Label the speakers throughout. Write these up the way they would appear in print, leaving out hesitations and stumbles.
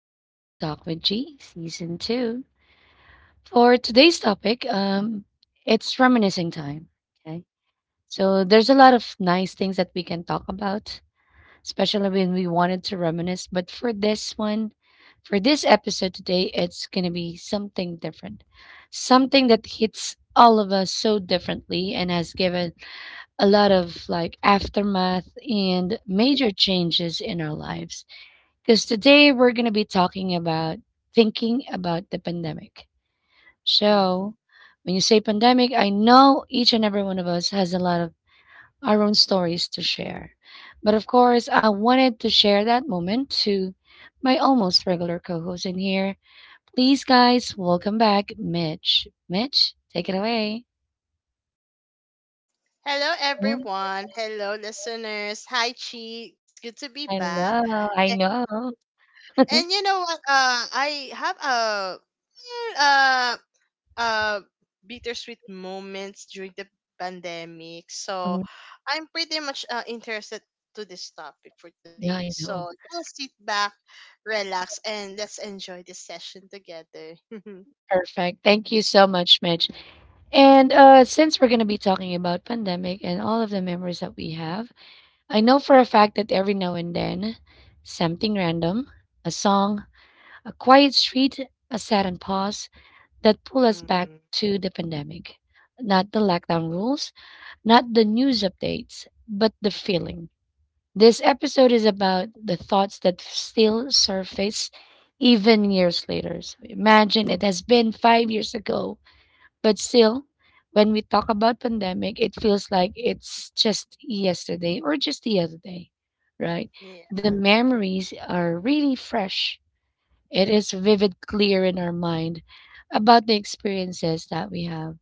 Speaker 1: to Daily Talk with G, Season 2. For today's topic, it's reminiscing time. Okay. So there's a lot of nice things that we can talk about, especially when we wanted to reminisce. But for this one, for this episode today, it's going to be something different, something that hits all of us so differently and has given a lot of like aftermath and major changes in our lives because today we're going to be talking about thinking about the pandemic.
Speaker 2: Mm.
Speaker 1: So, when you say pandemic, I know each and every one of us has a lot of our own stories to share. But of course, I wanted to share that moment to my almost regular co host in here. Please, guys, welcome back, Mitch. Mitch, take it away.
Speaker 2: Hello,
Speaker 1: Mhm.
Speaker 2: everyone. Hello, listeners. Hi, Chi. It's good to be
Speaker 1: I
Speaker 2: back.
Speaker 1: know, I
Speaker 2: And,
Speaker 1: know.
Speaker 2: and you know what? I have a uh, uh, bittersweet moments during the pandemic. So
Speaker 1: Mhm.
Speaker 2: I'm pretty much interested to this topic for
Speaker 1: Yeah,
Speaker 2: today.
Speaker 1: I know.
Speaker 2: So just sit back, relax, and let's enjoy this session together.
Speaker 1: Perfect. Thank you so much, Mitch. And since we're going to be talking about pandemic and all of the memories that we have, I know for a fact that every now and then, something random, a song, a quiet street, a sudden pause that pull us back
Speaker 2: Mm-hmm.
Speaker 1: to the pandemic. Not the lockdown rules, not the news updates, but the feeling. This episode is about the thoughts that still surface even years later. So imagine it has been 5 years ago but still, when we talk about pandemic, it feels like it's just yesterday or just the other day, right?
Speaker 2: Yeah.
Speaker 1: The memories are really fresh. It is vivid, clear in our mind about the experiences that we have.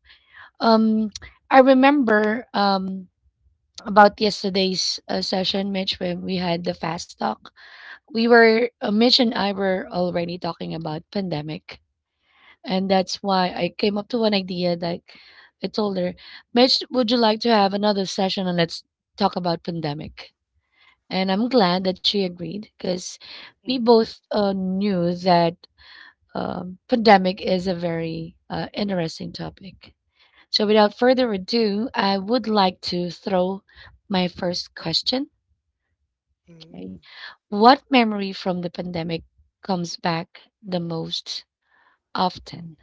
Speaker 1: Um, I remember about yesterday's session, Mitch, when we had the fast talk. We were Mitch and I were already talking about pandemic, and that's why I came up to an idea that I told her, Mitch, would you like to have another session and let's talk about pandemic? And I'm glad that she agreed because we
Speaker 2: Mm-hmm.
Speaker 1: both knew that pandemic is a very interesting topic. So without further ado, I would like to throw my first question. Okay.
Speaker 2: Mm-hmm.
Speaker 1: What memory from the pandemic comes back the most often?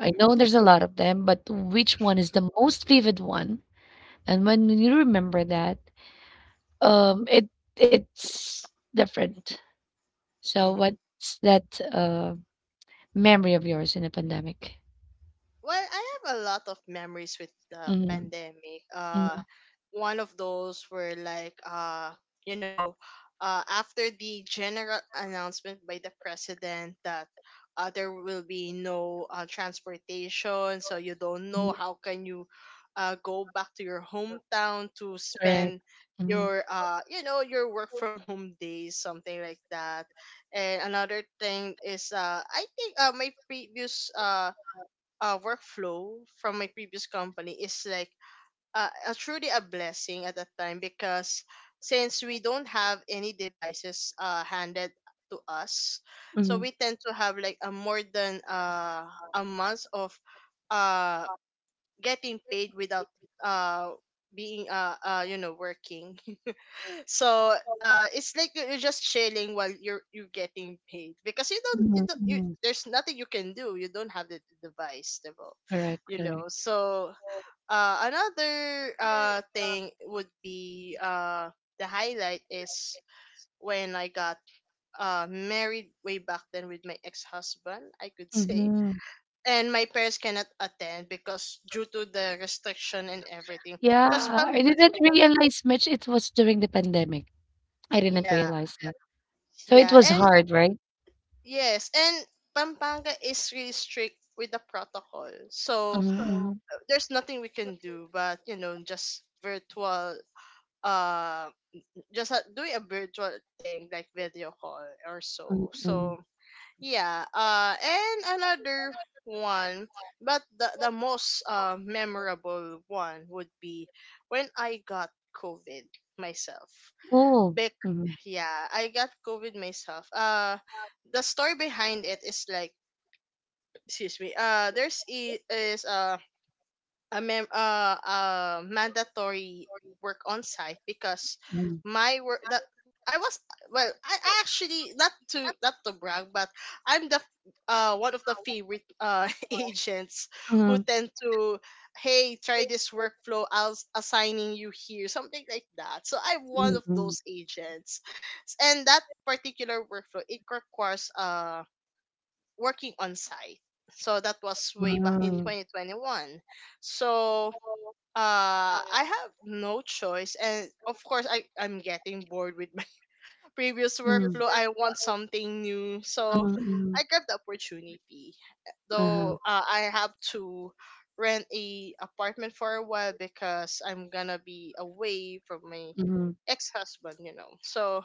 Speaker 1: I know there's a lot of them, but which one is the most vivid one? And when you remember that, um, it it's different. So
Speaker 2: Mm-hmm.
Speaker 1: what's that memory of yours in a pandemic?
Speaker 2: Well, I have a lot of memories with the
Speaker 1: Mm,
Speaker 2: pandemic.
Speaker 1: mm,
Speaker 2: One of those were you know, after the general announcement by the president that there will be no transportation, so you don't
Speaker 1: mm,
Speaker 2: know how can you go back to your hometown to
Speaker 1: correct.
Speaker 2: spend
Speaker 1: Mm,
Speaker 2: your your work from home days something like that. And another thing is I think my previous workflow from my previous company is like truly a blessing at that time because since we don't have any devices handed to us, so
Speaker 1: mm,
Speaker 2: we tend to have like a more than a month of uh, getting paid without uh, being working. So it's like you're just chilling while you're getting paid because you don't you
Speaker 1: mm,
Speaker 2: don't you,
Speaker 1: mm,
Speaker 2: there's nothing you can do. You don't have the device, the
Speaker 1: correct.
Speaker 2: you know.
Speaker 1: Correct.
Speaker 2: So another thing would be the highlight is when I got married way back then with my ex-husband, I could say.
Speaker 1: Hmm.
Speaker 2: And my parents cannot attend because due to the restriction and everything,
Speaker 1: Yeah,
Speaker 2: because pam
Speaker 1: I didn't realize much. It was during the pandemic. I didn't
Speaker 2: yeah.
Speaker 1: realize that. So it
Speaker 2: Yeah,
Speaker 1: was
Speaker 2: and
Speaker 1: hard, right?
Speaker 2: yes, and Pampanga is really strict with the protocol. So
Speaker 1: Mm-hmm,
Speaker 2: there's nothing we can do but, you know, uh just doing a virtual thing like video call or
Speaker 1: mm-hmm,
Speaker 2: so.
Speaker 1: mm-hmm.
Speaker 2: So yeah. And another one, but the most memorable one would be when I got COVID myself.
Speaker 1: Oh.
Speaker 2: Bec- yeah, I got COVID myself. The story behind it is like, excuse me, there's I- is a mem- mandatory work on site because
Speaker 1: Mm-hmm.
Speaker 2: my work that I was, well, I actually, not to brag, but I'm the one of the favorite agents who tend to, hey, try this workflow, I'll assigning you here, something like that. So I'm one of
Speaker 1: Mm.
Speaker 2: those agents, and that particular workflow, it requires working on site. So that was
Speaker 1: My.
Speaker 2: way back in
Speaker 1: Wow.
Speaker 2: 2021. So I have no choice, and of course I'm getting bored with my previous
Speaker 1: Mm. Previous
Speaker 2: workflow. I want something new,
Speaker 1: I
Speaker 2: so
Speaker 1: was Mm, also
Speaker 2: I
Speaker 1: mm.
Speaker 2: grabbed the opportunity.
Speaker 1: Uh-huh.
Speaker 2: Though I have to rent a apartment for a while because I'm gonna be away from my
Speaker 1: Mhm,
Speaker 2: ex husband, you know. So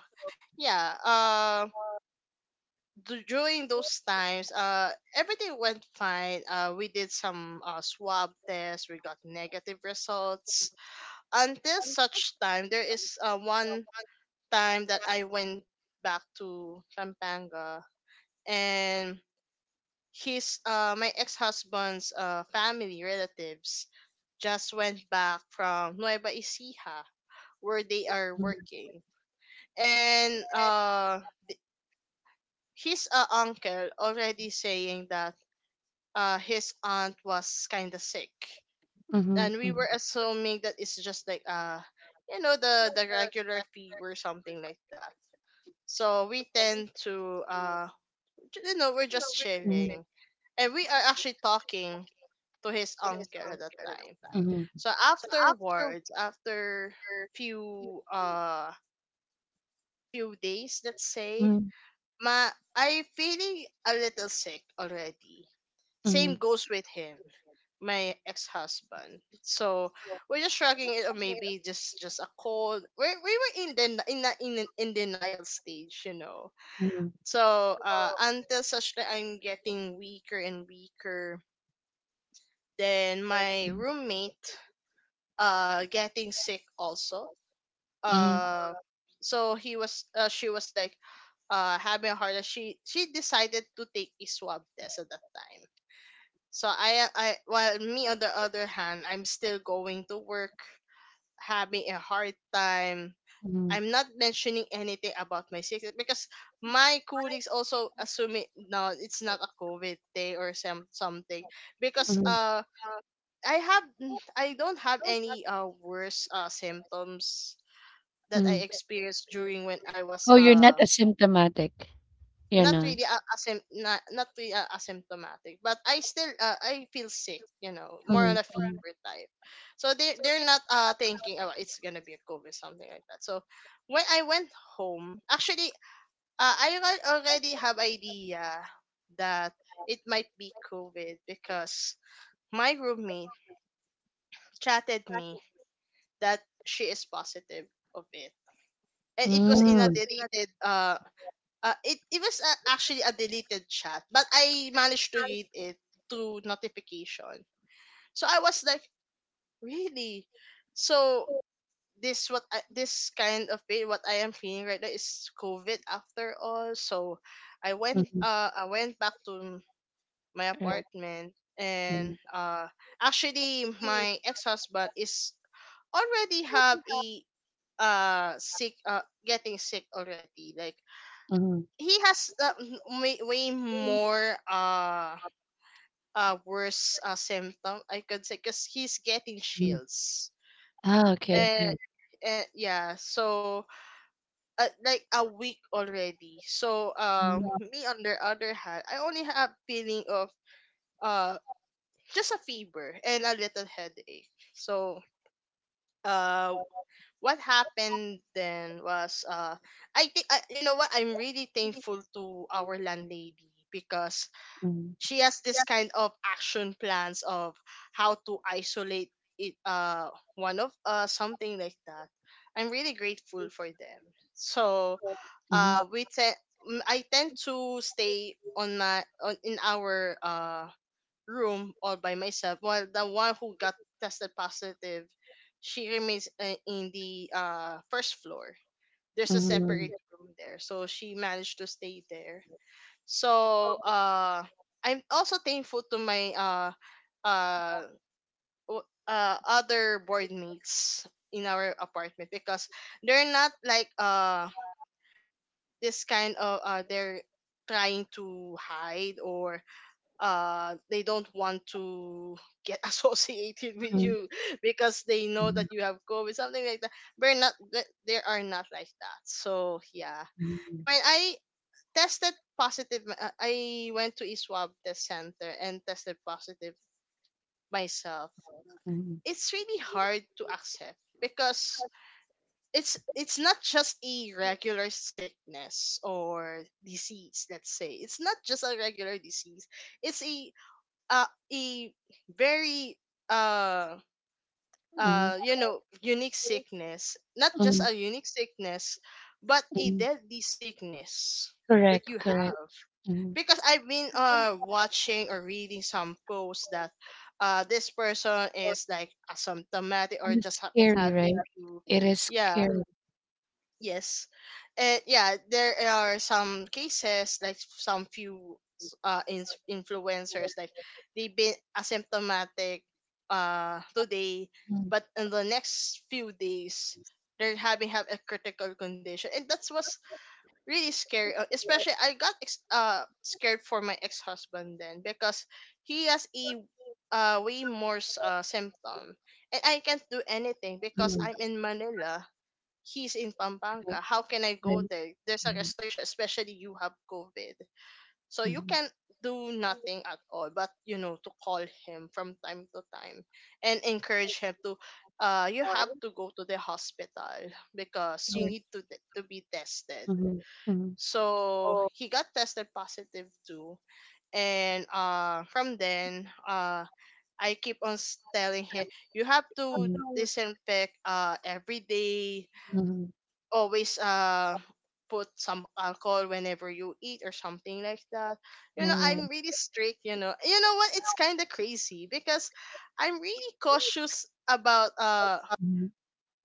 Speaker 2: yeah. During those times, everything went fine. We did some swab tests. We got negative results. Until such time, there is one time that I went back to Pampanga, and his my ex-husband's family relatives just went back from Nueva Ecija where they are
Speaker 1: mhm,
Speaker 2: working. And his uncle already saying that his aunt was kind of sick,
Speaker 1: mhm,
Speaker 2: and we were
Speaker 1: mhm.
Speaker 2: assuming that it's just like you know, the regular fever, something like that. So we tend to you know, we're just
Speaker 1: Mhm.
Speaker 2: chilling, and we are actually talking to his uncle at that time.
Speaker 1: Mhm.
Speaker 2: So afterwards, after few uh few days, let's say,
Speaker 1: Mm,
Speaker 2: ma I feeling a little sick already.
Speaker 1: mhm,
Speaker 2: Same goes with him, my ex-husband. So we're just shrugging it, or maybe just a cold. We were in the in denial stage, you know. So until such that I'm getting weaker and weaker, then my roommate getting sick also.
Speaker 1: mhm,
Speaker 2: Uh, so he was she was like having a heart attack. She decided to take a swab test at that time. So I, while me on the other hand, I'm still going to work, having a hard time.
Speaker 1: mhm,
Speaker 2: I'm not mentioning anything about my sickness because my colleagues also assume it, no, it's not a COVID day or some something, because
Speaker 1: mhm,
Speaker 2: I have I don't have any worse symptoms that
Speaker 1: mhm.
Speaker 2: I experienced during when I was
Speaker 1: Oh, you're not asymptomatic. You're
Speaker 2: not
Speaker 1: not.
Speaker 2: really a, not, not really a, asymptomatic, but i still I feel sick, you know, more on
Speaker 1: Mhm,
Speaker 2: a
Speaker 1: mhm.
Speaker 2: fever type. So they they're not thinking, oh it's gonna be a COVID, something like that. So when I went home, actually, already have idea that it might be COVID because my roommate chatted me that she is positive of it, and it was in a
Speaker 1: Mm,
Speaker 2: deleted it it was actually a deleted chat, but I managed to read it through notification. So I was like, really? So this what I, this kind of pain what I am feeling right now is COVID after all. So I went back to my
Speaker 1: right.
Speaker 2: apartment, and actually, my ex husband is already have a sick getting sick already, like he has way, way more worse symptom, I could say, because he's getting
Speaker 1: Mm.
Speaker 2: chills.
Speaker 1: Ah, okay. Yeah.
Speaker 2: Uh, yeah, so like a week already. So um,
Speaker 1: Mm,
Speaker 2: me on the other hand, I only have feeling of uh just a fever and a little headache. So uh what happened then was I think you know what, I'm really thankful to our landlady because
Speaker 1: mhm,
Speaker 2: she has this kind of action plans of how to isolate it one of, something like that. I'm really grateful for them. So
Speaker 1: mhm,
Speaker 2: uh we te- I tend to stay on my in our room all by myself, while the one who got tested positive, she remains in the first floor. There's a
Speaker 1: mhm,
Speaker 2: separate room there, so she managed to stay there. So I'm also thankful to my uh, other board mates in our apartment because they're not like this kind of they're trying to hide, or they don't want to get associated with
Speaker 1: mhm,
Speaker 2: you because they know that
Speaker 1: mhm,
Speaker 2: you have COVID, something like that. They are not, they are not like that. So yeah, when I tested positive, I went to a swab test center and tested positive myself.
Speaker 1: mhm,
Speaker 2: It's really hard to accept because it's not just a regular sickness or disease. Let's say it's not just a regular disease, it's a very uh
Speaker 1: mhm,
Speaker 2: you know, unique sickness. Not just
Speaker 1: mhm,
Speaker 2: a unique sickness, but a
Speaker 1: mhm.
Speaker 2: deadly sickness that
Speaker 1: Correct,
Speaker 2: you
Speaker 1: correct.
Speaker 2: have,
Speaker 1: Mhm.
Speaker 2: because I've been watching or reading some posts that this person is like asymptomatic, or
Speaker 1: And it's
Speaker 2: just
Speaker 1: scary,
Speaker 2: have
Speaker 1: right?
Speaker 2: a few,
Speaker 1: It is
Speaker 2: yeah.
Speaker 1: scary.
Speaker 2: Yes, and yeah, there are some cases like some few influencers, like they've been asymptomatic today,
Speaker 1: Mm,
Speaker 2: but in the next few days, they're having have a critical condition, and that's was really scary, especially i got scared for my ex-husband then, because he has a way more symptom, and I can't do anything because
Speaker 1: mm,
Speaker 2: I'm in Manila, he's in Pampanga. How can I
Speaker 1: right.
Speaker 2: go there? There's a
Speaker 1: Mhm,
Speaker 2: restriction, especially you have COVID. So you
Speaker 1: mhm.
Speaker 2: can do nothing at all, but you know, to call him from time to time and encourage him to, you have to go to the hospital because you
Speaker 1: Correct.
Speaker 2: need to to be tested.
Speaker 1: Mhm,
Speaker 2: So he got tested positive too. And from then, I keep on telling him, you have to disinfect every day,
Speaker 1: mhm.
Speaker 2: always put some alcohol whenever you eat or something like that.
Speaker 1: Yeah,
Speaker 2: You know,
Speaker 1: yeah.
Speaker 2: I'm really strict, you know. You know what? It's kind of crazy because I'm really cautious about
Speaker 1: Mhm,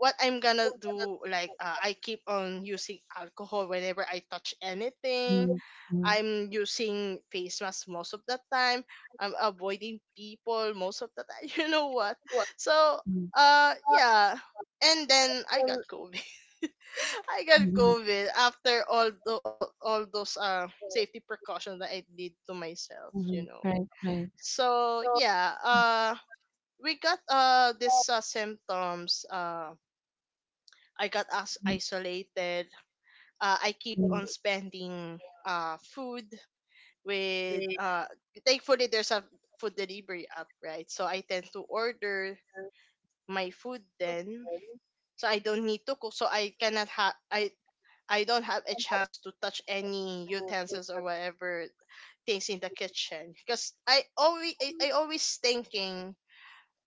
Speaker 2: what I'm gonna do. Like, I keep on using alcohol whenever I touch anything.
Speaker 1: mhm, mhm,
Speaker 2: I'm using face mask most of the time. I'm avoiding people most of the time. You know what? So,
Speaker 1: mhm,
Speaker 2: yeah. And then I got COVID. I got
Speaker 1: mhm,
Speaker 2: COVID after all, all those safety precautions that I did to myself,
Speaker 1: mhm.
Speaker 2: you know.
Speaker 1: Right, right.
Speaker 2: So yeah. We got these symptoms. I got us
Speaker 1: Mhm,
Speaker 2: isolated. I keep on spending food. With Thankfully, there's a food delivery app, right? So I tend to order my food. Then so I don't need to cook, so I don't have a chance to touch any utensils or whatever things in the kitchen because I always thinking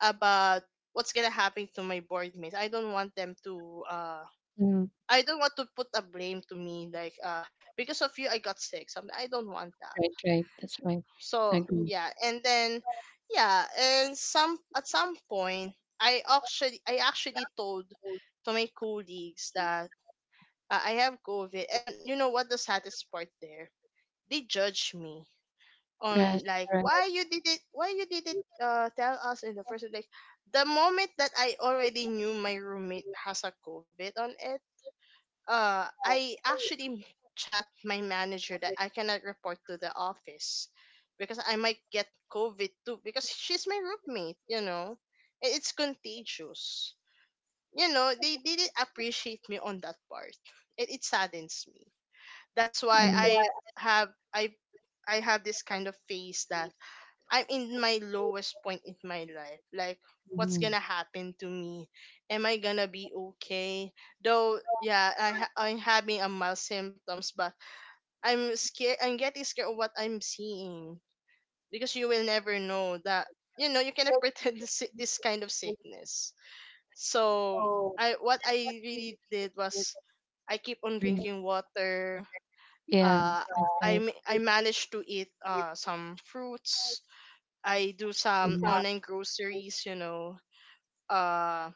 Speaker 2: about what's gonna happen to my board mates. I don't want them to uh
Speaker 1: mhm.
Speaker 2: I don't want to put a blame to me, like, because of you I got sick, something. I don't want that.
Speaker 1: Right, right. That's right. I
Speaker 2: so
Speaker 1: agree.
Speaker 2: yeah and then yeah and some at some point, I actually told to my colleagues that, I have COVID. And you know what the saddest part there? They judge me on, like,
Speaker 1: Correct.
Speaker 2: why you did it, tell us in the first place, like, the moment that I already knew my roommate has a COVID on. I actually chat my manager that I cannot report to the office because I might get COVID too because she's my roommate, you know. It's contagious. You know, they didn't appreciate me on that part. It saddens me. That's why have I I have this kind of phase that I'm in my lowest point in my life. Like, what's
Speaker 1: Mhm.
Speaker 2: gonna happen to me? Am I gonna be okay? Though, yeah, I'm having a mild symptoms, but I'm scared. I'm getting scared of what I'm seeing because you will never know that. You know, you cannot pretend this kind of sickness. So, I what I really did was, I keep on drinking water.
Speaker 1: Yeah,
Speaker 2: Uh,
Speaker 1: right.
Speaker 2: I managed to eat some fruits. I do some online groceries, you know. Uh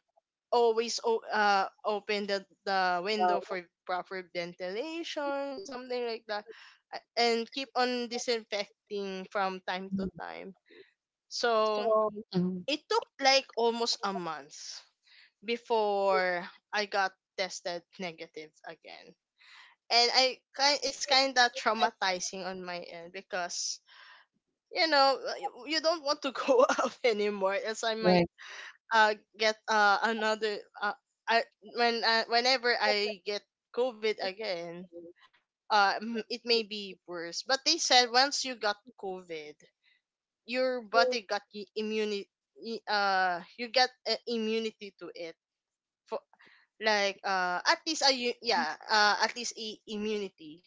Speaker 2: Open the window for proper ventilation, something like that. And keep on disinfecting from time to
Speaker 1: Mhm,
Speaker 2: time. So
Speaker 1: mhm.
Speaker 2: it took like almost a month before I got tested negative again. And it's kind of traumatizing on my end because, you know, you don't want to go out anymore as I might
Speaker 1: Right.
Speaker 2: get another I when whenever I get COVID again, it may be worse. But they said once you got COVID, your body got immunity. You got, immunity to it. For at least a u- yeah at least immunity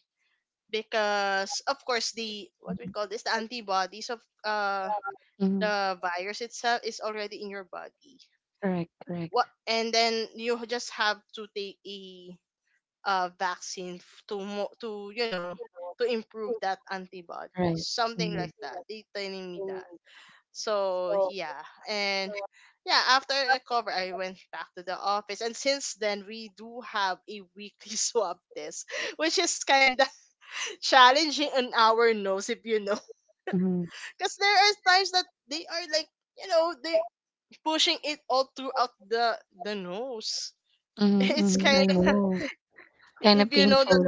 Speaker 2: because, of course, the what we call this, the antibodies of uh
Speaker 1: Mhm.
Speaker 2: the virus itself is already in your body.
Speaker 1: Correct, correct.
Speaker 2: What and then you just have to take a, vaccine to, you know, to improve that
Speaker 1: Right.
Speaker 2: antibodies, something
Speaker 1: Mhm,
Speaker 2: like that they telling me that. So yeah. and Yeah, after I recover, I went back to the office, and since then we do have a weekly swab test, which is kind of challenging on our nose, if you know.
Speaker 1: mhm,
Speaker 2: Because there are times that they are, like, you know, they pushing it all throughout the nose.
Speaker 1: mhm,
Speaker 2: it's
Speaker 1: mhm. I
Speaker 2: kind
Speaker 1: know. It's kind of
Speaker 2: If you know
Speaker 1: painful.
Speaker 2: that,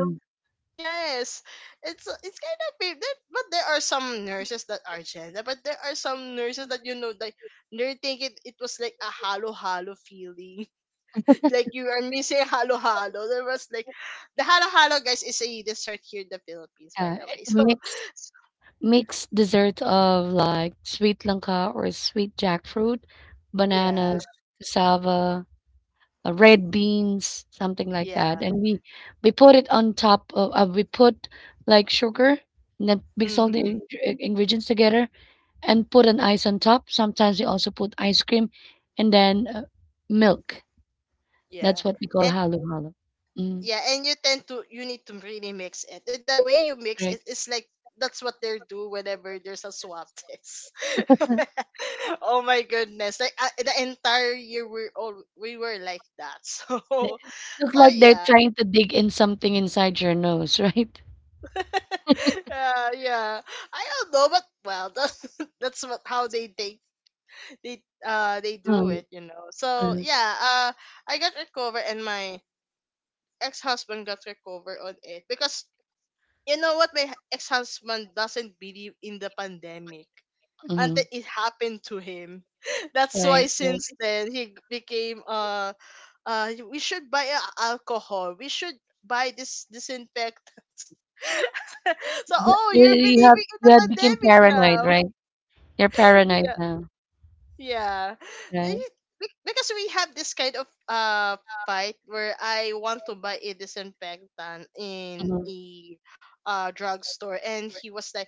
Speaker 2: yes, it's kind of weird that, but there are some nurses that are gender, but there are some nurses that, you know, like, they're thinking it was like a halo halo feeling, like you are missing halo halo. There was like, the halo halo guys is a dessert here in the Philippines, by
Speaker 1: Yeah,
Speaker 2: the
Speaker 1: it's
Speaker 2: way.
Speaker 1: a
Speaker 2: so
Speaker 1: mix.
Speaker 2: so
Speaker 1: Mixed dessert of like sweet langka or sweet jackfruit,
Speaker 2: yeah.
Speaker 1: bananas, cassava, red beans, something like that.
Speaker 2: Yeah.
Speaker 1: And we put it on top of we put like sugar and then mix all the
Speaker 2: Mm-hmm.
Speaker 1: ingredients together and put an ice on top. Sometimes we also put ice cream and then milk.
Speaker 2: yeah
Speaker 1: That's what we call
Speaker 2: and
Speaker 1: halo halo. Mm,
Speaker 2: Yeah, and you tend to, you need to really mix it. The way you mix it
Speaker 1: correct.
Speaker 2: is like that's what they do whenever there's a swab test. Oh my goodness! Like, the entire year we're all we were like that. So
Speaker 1: It looks
Speaker 2: so
Speaker 1: like they're
Speaker 2: yeah,
Speaker 1: trying to dig in something inside your nose, right?
Speaker 2: yeah. I don't know, but, well, that's what how they do
Speaker 1: Mm,
Speaker 2: it, you know. So
Speaker 1: mm,
Speaker 2: yeah, I got recovered, and my ex husband got recovered on it because, you know what, my ex husband doesn't believe in the pandemic until
Speaker 1: mm.
Speaker 2: it happened to him. That's why since then he became, we should buy alcohol. We should buy this disinfectants. So,
Speaker 1: Yeah,
Speaker 2: oh,
Speaker 1: you
Speaker 2: you're
Speaker 1: you have
Speaker 2: believing in the
Speaker 1: you had became
Speaker 2: pandemic
Speaker 1: paranoid,
Speaker 2: now.
Speaker 1: right? You're paranoid now,
Speaker 2: Yeah.
Speaker 1: right?
Speaker 2: Eh, Because we have this kind of fight where I want to buy a disinfectant in
Speaker 1: Mhm.
Speaker 2: a drugstore, and he was like,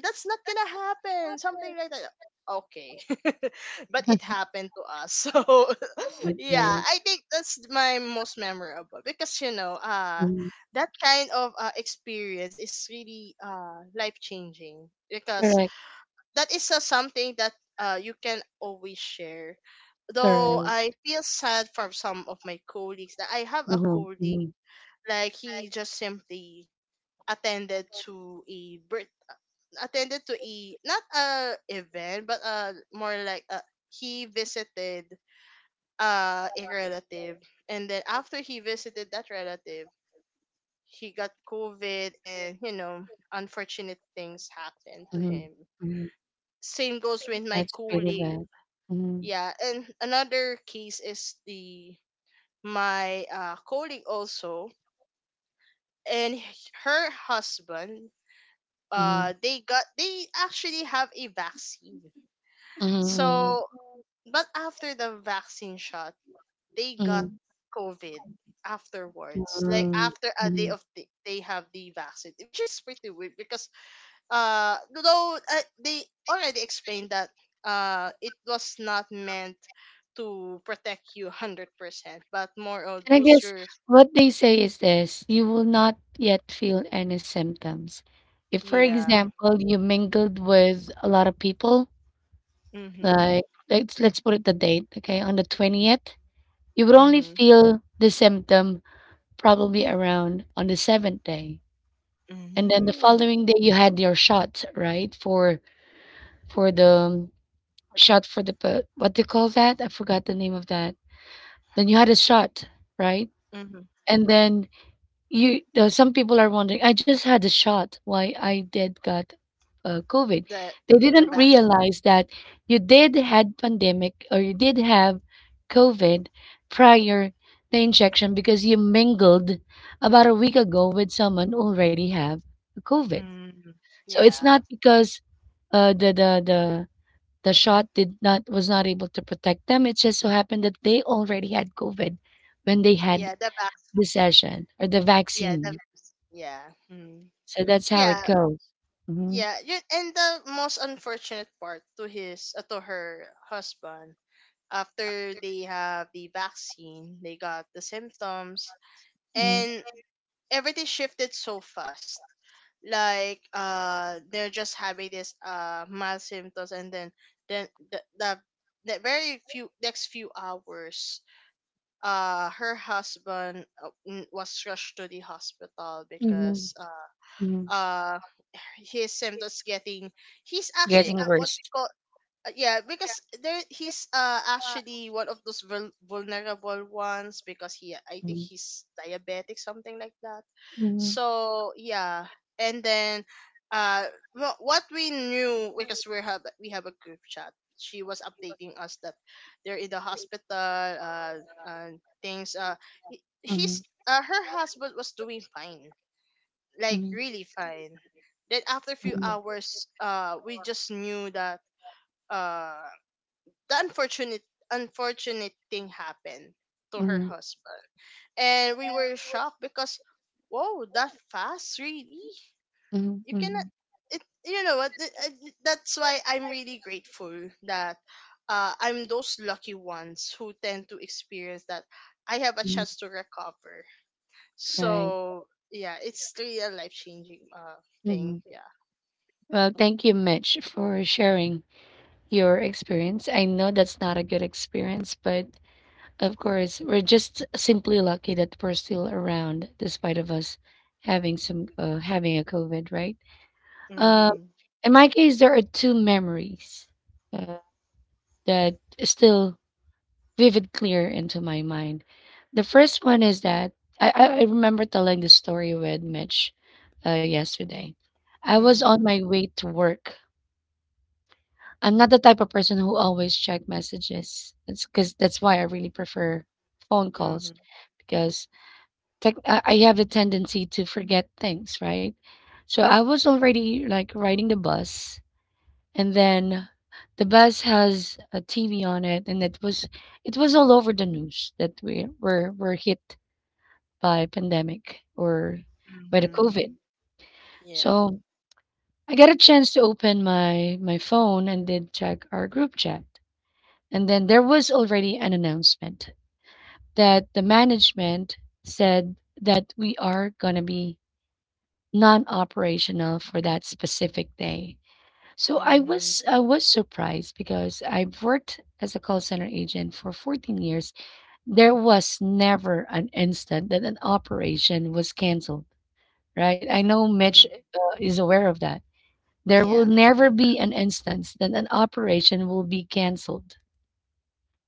Speaker 2: "That's not gonna happen," something like that. Okay. But it happened to us. So,
Speaker 1: Right,
Speaker 2: yeah,
Speaker 1: right.
Speaker 2: I think that's my most memorable because, you know,
Speaker 1: Mhm.
Speaker 2: that kind of experience is really life changing because
Speaker 1: Correct,
Speaker 2: that is, something that, you can always share. Though
Speaker 1: correct.
Speaker 2: I feel sad for some of my colleagues that I have a
Speaker 1: Mhm,
Speaker 2: colleague,
Speaker 1: mhm,
Speaker 2: like, he just simply attended to a birth attended to a not a event, but more like a, he visited a relative, and then after he visited that relative, he got COVID, and, you know, unfortunate things happened to
Speaker 1: mhm,
Speaker 2: him.
Speaker 1: mhm.
Speaker 2: Same goes with my
Speaker 1: That's pretty
Speaker 2: colleague.
Speaker 1: bad. Mhm,
Speaker 2: Yeah, and another case is the my colleague also, and her husband,
Speaker 1: mhm,
Speaker 2: they actually have a vaccine.
Speaker 1: mhm,
Speaker 2: So, but after the vaccine shot, they got
Speaker 1: mhm,
Speaker 2: COVID afterwards, like
Speaker 1: mhm,
Speaker 2: after a day
Speaker 1: mhm.
Speaker 2: of the, they have the vaccine, which is pretty weird because, though they already explained that it was not meant to protect you 100%, but more of
Speaker 1: And I
Speaker 2: boost
Speaker 1: guess
Speaker 2: your...
Speaker 1: what they say is this, you will not yet feel any symptoms. If, for
Speaker 2: Yeah.
Speaker 1: example, you mingled with a lot of people,
Speaker 2: Mm-hmm.
Speaker 1: like let's put it the date, okay, on the 20th, you would only
Speaker 2: Mm-hmm.
Speaker 1: feel the symptom probably around on the seventh day. And then the
Speaker 2: Mm-hmm,
Speaker 1: following day you had your shot, right? For the shot for the what do you call that? I forgot the name of that. Then you had a shot, right?
Speaker 2: mm-hmm.
Speaker 1: And then you some people are wondering, I just had a shot. Why I did got COVID?
Speaker 2: the
Speaker 1: They
Speaker 2: the
Speaker 1: didn't
Speaker 2: vaccine.
Speaker 1: realize that you did had pandemic or you did have COVID prior the injection because you mingled about a week ago with someone who already have COVID.
Speaker 2: Mm-hmm.
Speaker 1: So it's
Speaker 2: Yeah.
Speaker 1: not because the the shot did not was not able to protect them. It just so happened that they already had COVID when they had
Speaker 2: yeah the vac
Speaker 1: the session or the
Speaker 2: yeah the
Speaker 1: vaccine,
Speaker 2: Yeah. Mm.
Speaker 1: so that's how it
Speaker 2: Yeah.
Speaker 1: goes. Mhm.
Speaker 2: And the most unfortunate part to his, to her husband, after they have the vaccine, they got the symptoms,
Speaker 1: Mhm.
Speaker 2: and everything shifted so fast. Like, they're just having this mild symptoms, and then the very few next few hours, her husband, was rushed to the hospital
Speaker 1: Mhm.
Speaker 2: because,
Speaker 1: Mhm.
Speaker 2: uh his symptoms getting, he's actually,
Speaker 1: Getting
Speaker 2: what
Speaker 1: worse.
Speaker 2: we call, yeah, because there he's actually one of those vulnerable ones because he, I think
Speaker 1: Mhm.
Speaker 2: he's diabetic, something like that.
Speaker 1: Mhm.
Speaker 2: So yeah, and then uh what we knew because we have a group chat. She was updating us that they're in the hospital. Things. He- he's
Speaker 1: Mhm.
Speaker 2: Her husband was doing fine, like
Speaker 1: Mhm.
Speaker 2: really fine. Then after a few
Speaker 1: Mhm.
Speaker 2: hours, we just knew that. Uh, the unfortunate Unfortunate thing happened to her
Speaker 1: Mhm.
Speaker 2: husband, and we were shocked because, whoa, that fast, really.
Speaker 1: Mhm.
Speaker 2: You cannot
Speaker 1: Mhm.
Speaker 2: it you know what, that's why I'm really grateful that, I'm those lucky ones who tend to experience that. I have a
Speaker 1: Mhm.
Speaker 2: chance to recover.
Speaker 1: Right.
Speaker 2: So yeah, it's really a life changing thing.
Speaker 1: Mhm.
Speaker 2: Yeah.
Speaker 1: Well, thank you, Mitch, for sharing your experience. I know that's not a good experience, but of course, we're just simply lucky that we're still around despite of us having some having a COVID, right? Uh,
Speaker 2: Mhm.
Speaker 1: in my case, there are two memories uh, that still vivid clear into my mind. The first one is that I remember telling this story with Mitch yesterday. I was on
Speaker 2: Mhm.
Speaker 1: my way to work. I'm not the type of person who always check messages. That's because that's why I really prefer phone calls
Speaker 2: Mhm.
Speaker 1: because tech, I have a tendency to forget things, right? So I was already like riding the bus and then the bus has a TV on it, and it was all over the news that we were hit by pandemic or by the
Speaker 2: Mhm.
Speaker 1: COVID.
Speaker 2: Yeah.
Speaker 1: So I got a chance to open my phone and did check our group chat, and then there was already an announcement that the management said that we are gonna be non-operational for that specific day. So I
Speaker 2: Mhm.
Speaker 1: was I was surprised because I've worked as a call center agent for 14 years. There was never an instant that an operation was canceled, right? I know Mitch
Speaker 2: Mhm.
Speaker 1: is aware of that. There will
Speaker 2: Yeah.
Speaker 1: never be an instance that an operation will be canceled.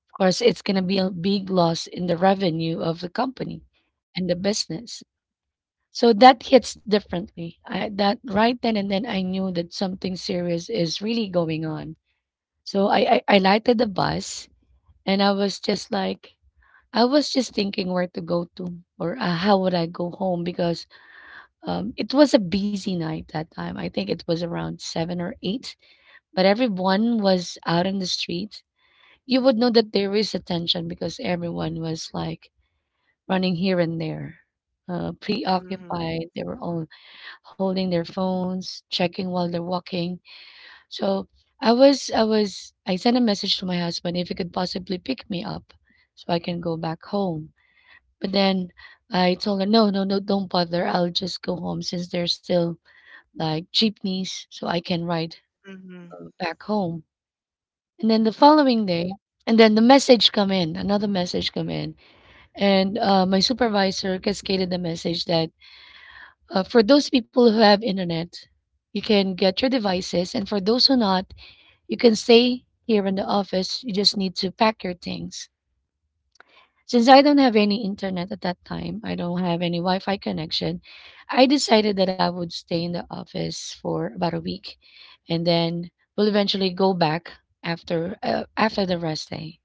Speaker 1: Of course, it's going to be a big loss in the revenue of the company and the business. So that hits differently. That right then and then, I knew that something serious is really going on. So I lighted the bus and I was just thinking where to go to or how would I go home because it was a busy night that time. I think it was around 7 or 8, but everyone was out in the street. You would know that there is a tension because everyone was like running here and there,
Speaker 2: Mhm.
Speaker 1: preoccupied. They were all holding their phones, checking while they're walking. So I sent a message to my husband if he could possibly pick me up so I can go back home. But then I told her no no no don't bother, I'll just go home since there's still like jeepneys so I can ride
Speaker 2: Mhm.
Speaker 1: back home. And then the following day, and then the message come in another message come in, and my supervisor cascaded the message that for those people who have internet you can get your devices and for those who not, you can stay here in the office. You just need to pack your things. Since I don't have any internet at that time, I don't have any Wi Fi connection, I decided that I would stay in the office for about a week and then will eventually go back after after the rest day.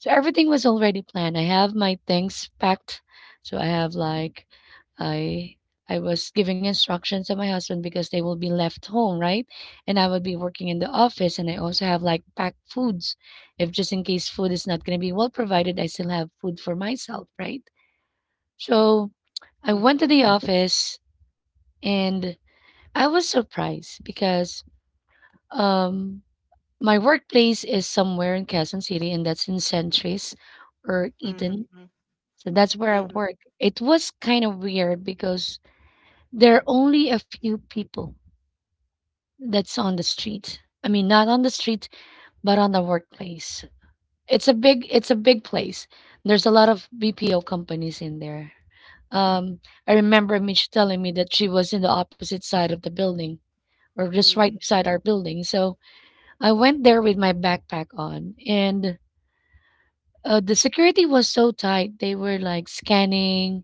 Speaker 1: So everything was already planned. I have my things packed. So I have like I I was giving instructions to my husband because they will be left home, right? And I would be working in the office and I also have like packed foods. If just in case food is not going to be well provided, I still have food for myself, right? So I
Speaker 2: Mhm.
Speaker 1: went to the office and I was surprised because um my workplace is somewhere in Quezon City and that's in Centris or
Speaker 2: Mhm.
Speaker 1: Eaton.
Speaker 2: Mhm.
Speaker 1: So that's where I
Speaker 2: Mhm.
Speaker 1: work. It was kind of weird because there are only a few people that's on the street. I mean, not on the street, but on the workplace. It's a big place. There's a lot of BPO companies in there. Um, I remember Mitch telling me that she was in the opposite side of the building or just right
Speaker 2: Mhm.
Speaker 1: beside our building. So I went there with my backpack on and the security was so tight. They were like scanning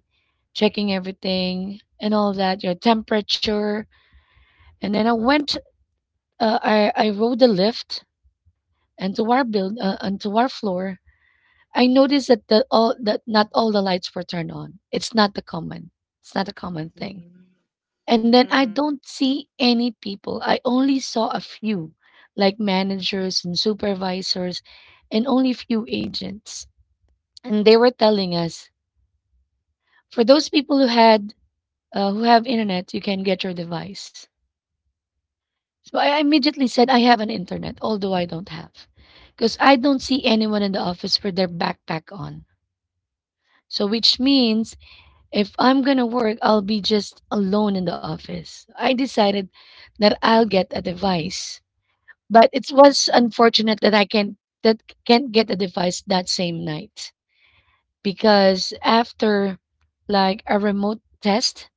Speaker 1: checking everything and all of that, your temperature. And then I went, I rode the lift and to our onto our floor. I noticed that the, all that not all the lights were turned on. It's not the common. It's not a common thing. And then I
Speaker 2: Mhm.
Speaker 1: don't see any people. I only saw a few, like managers and supervisors, and only few agents. And they were telling us, for those people who have internet, you can get your device. So I immediately said I have an internet, although I don't have, because I don't see anyone in the office with their backpack on. So which means if I'm gonna work, I'll be just alone in the office. I decided that I'll get a device, but it was unfortunate that I can't that can't get a device that same night because after like a remote test,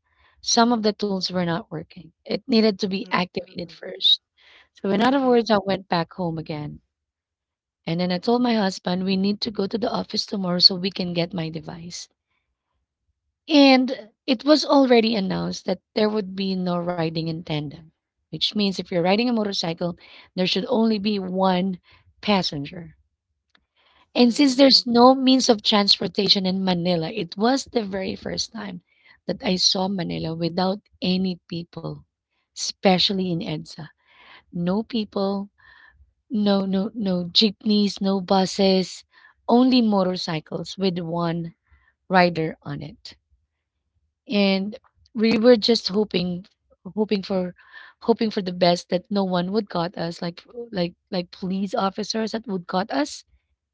Speaker 1: some of the tools were not working. It needed to be activated
Speaker 2: Mhm.
Speaker 1: first. So, in other
Speaker 2: Mhm.
Speaker 1: words, I went back home again. And then I told my husband, we need to go to the office tomorrow so we can get my device. And it was already announced that there would be no riding in tandem, which means if you're riding a motorcycle, there should only be one passenger.
Speaker 2: Mhm.
Speaker 1: And since
Speaker 2: Mhm.
Speaker 1: there's no means of transportation in Manila, it was the very first time that I saw Manila without any people, especially in EDSA. No people, no no jeepneys, no buses, only motorcycles with one rider on it. And we were just hoping for hoping for the best that no one would got us like like police officers that would got us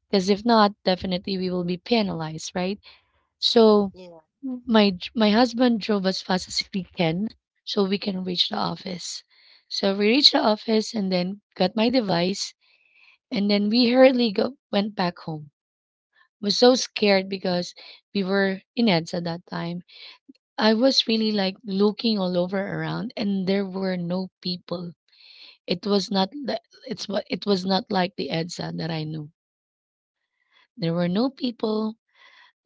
Speaker 1: because if not definitely we will be penalized, right? So
Speaker 2: Yeah.
Speaker 1: my husband drove as fast as we can so we can reach the office. So we reached the office and then got my device, and then we went back home. Was so scared because we were in EDSA that time. I was really like looking all over around, and there were no people. It was not like the EDSA that I knew. There were no people,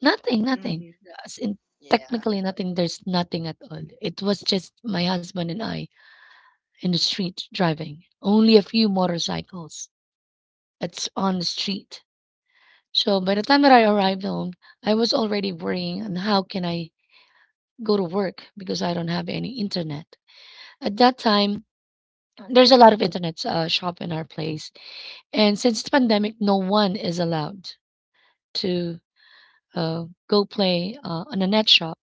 Speaker 1: nothing, nothing.
Speaker 2: Mhm.
Speaker 1: As in
Speaker 2: Yeah.
Speaker 1: technically nothing. There's nothing at all. It was just my husband and I in the street driving. Only a few motorcycles. It's on the street. So by the time that I arrived home, I was already worrying on how can I go to work because I don't have any internet. At that time, there's a lot of internet shop in our place, and since the pandemic, no one is allowed to go play on a net shop.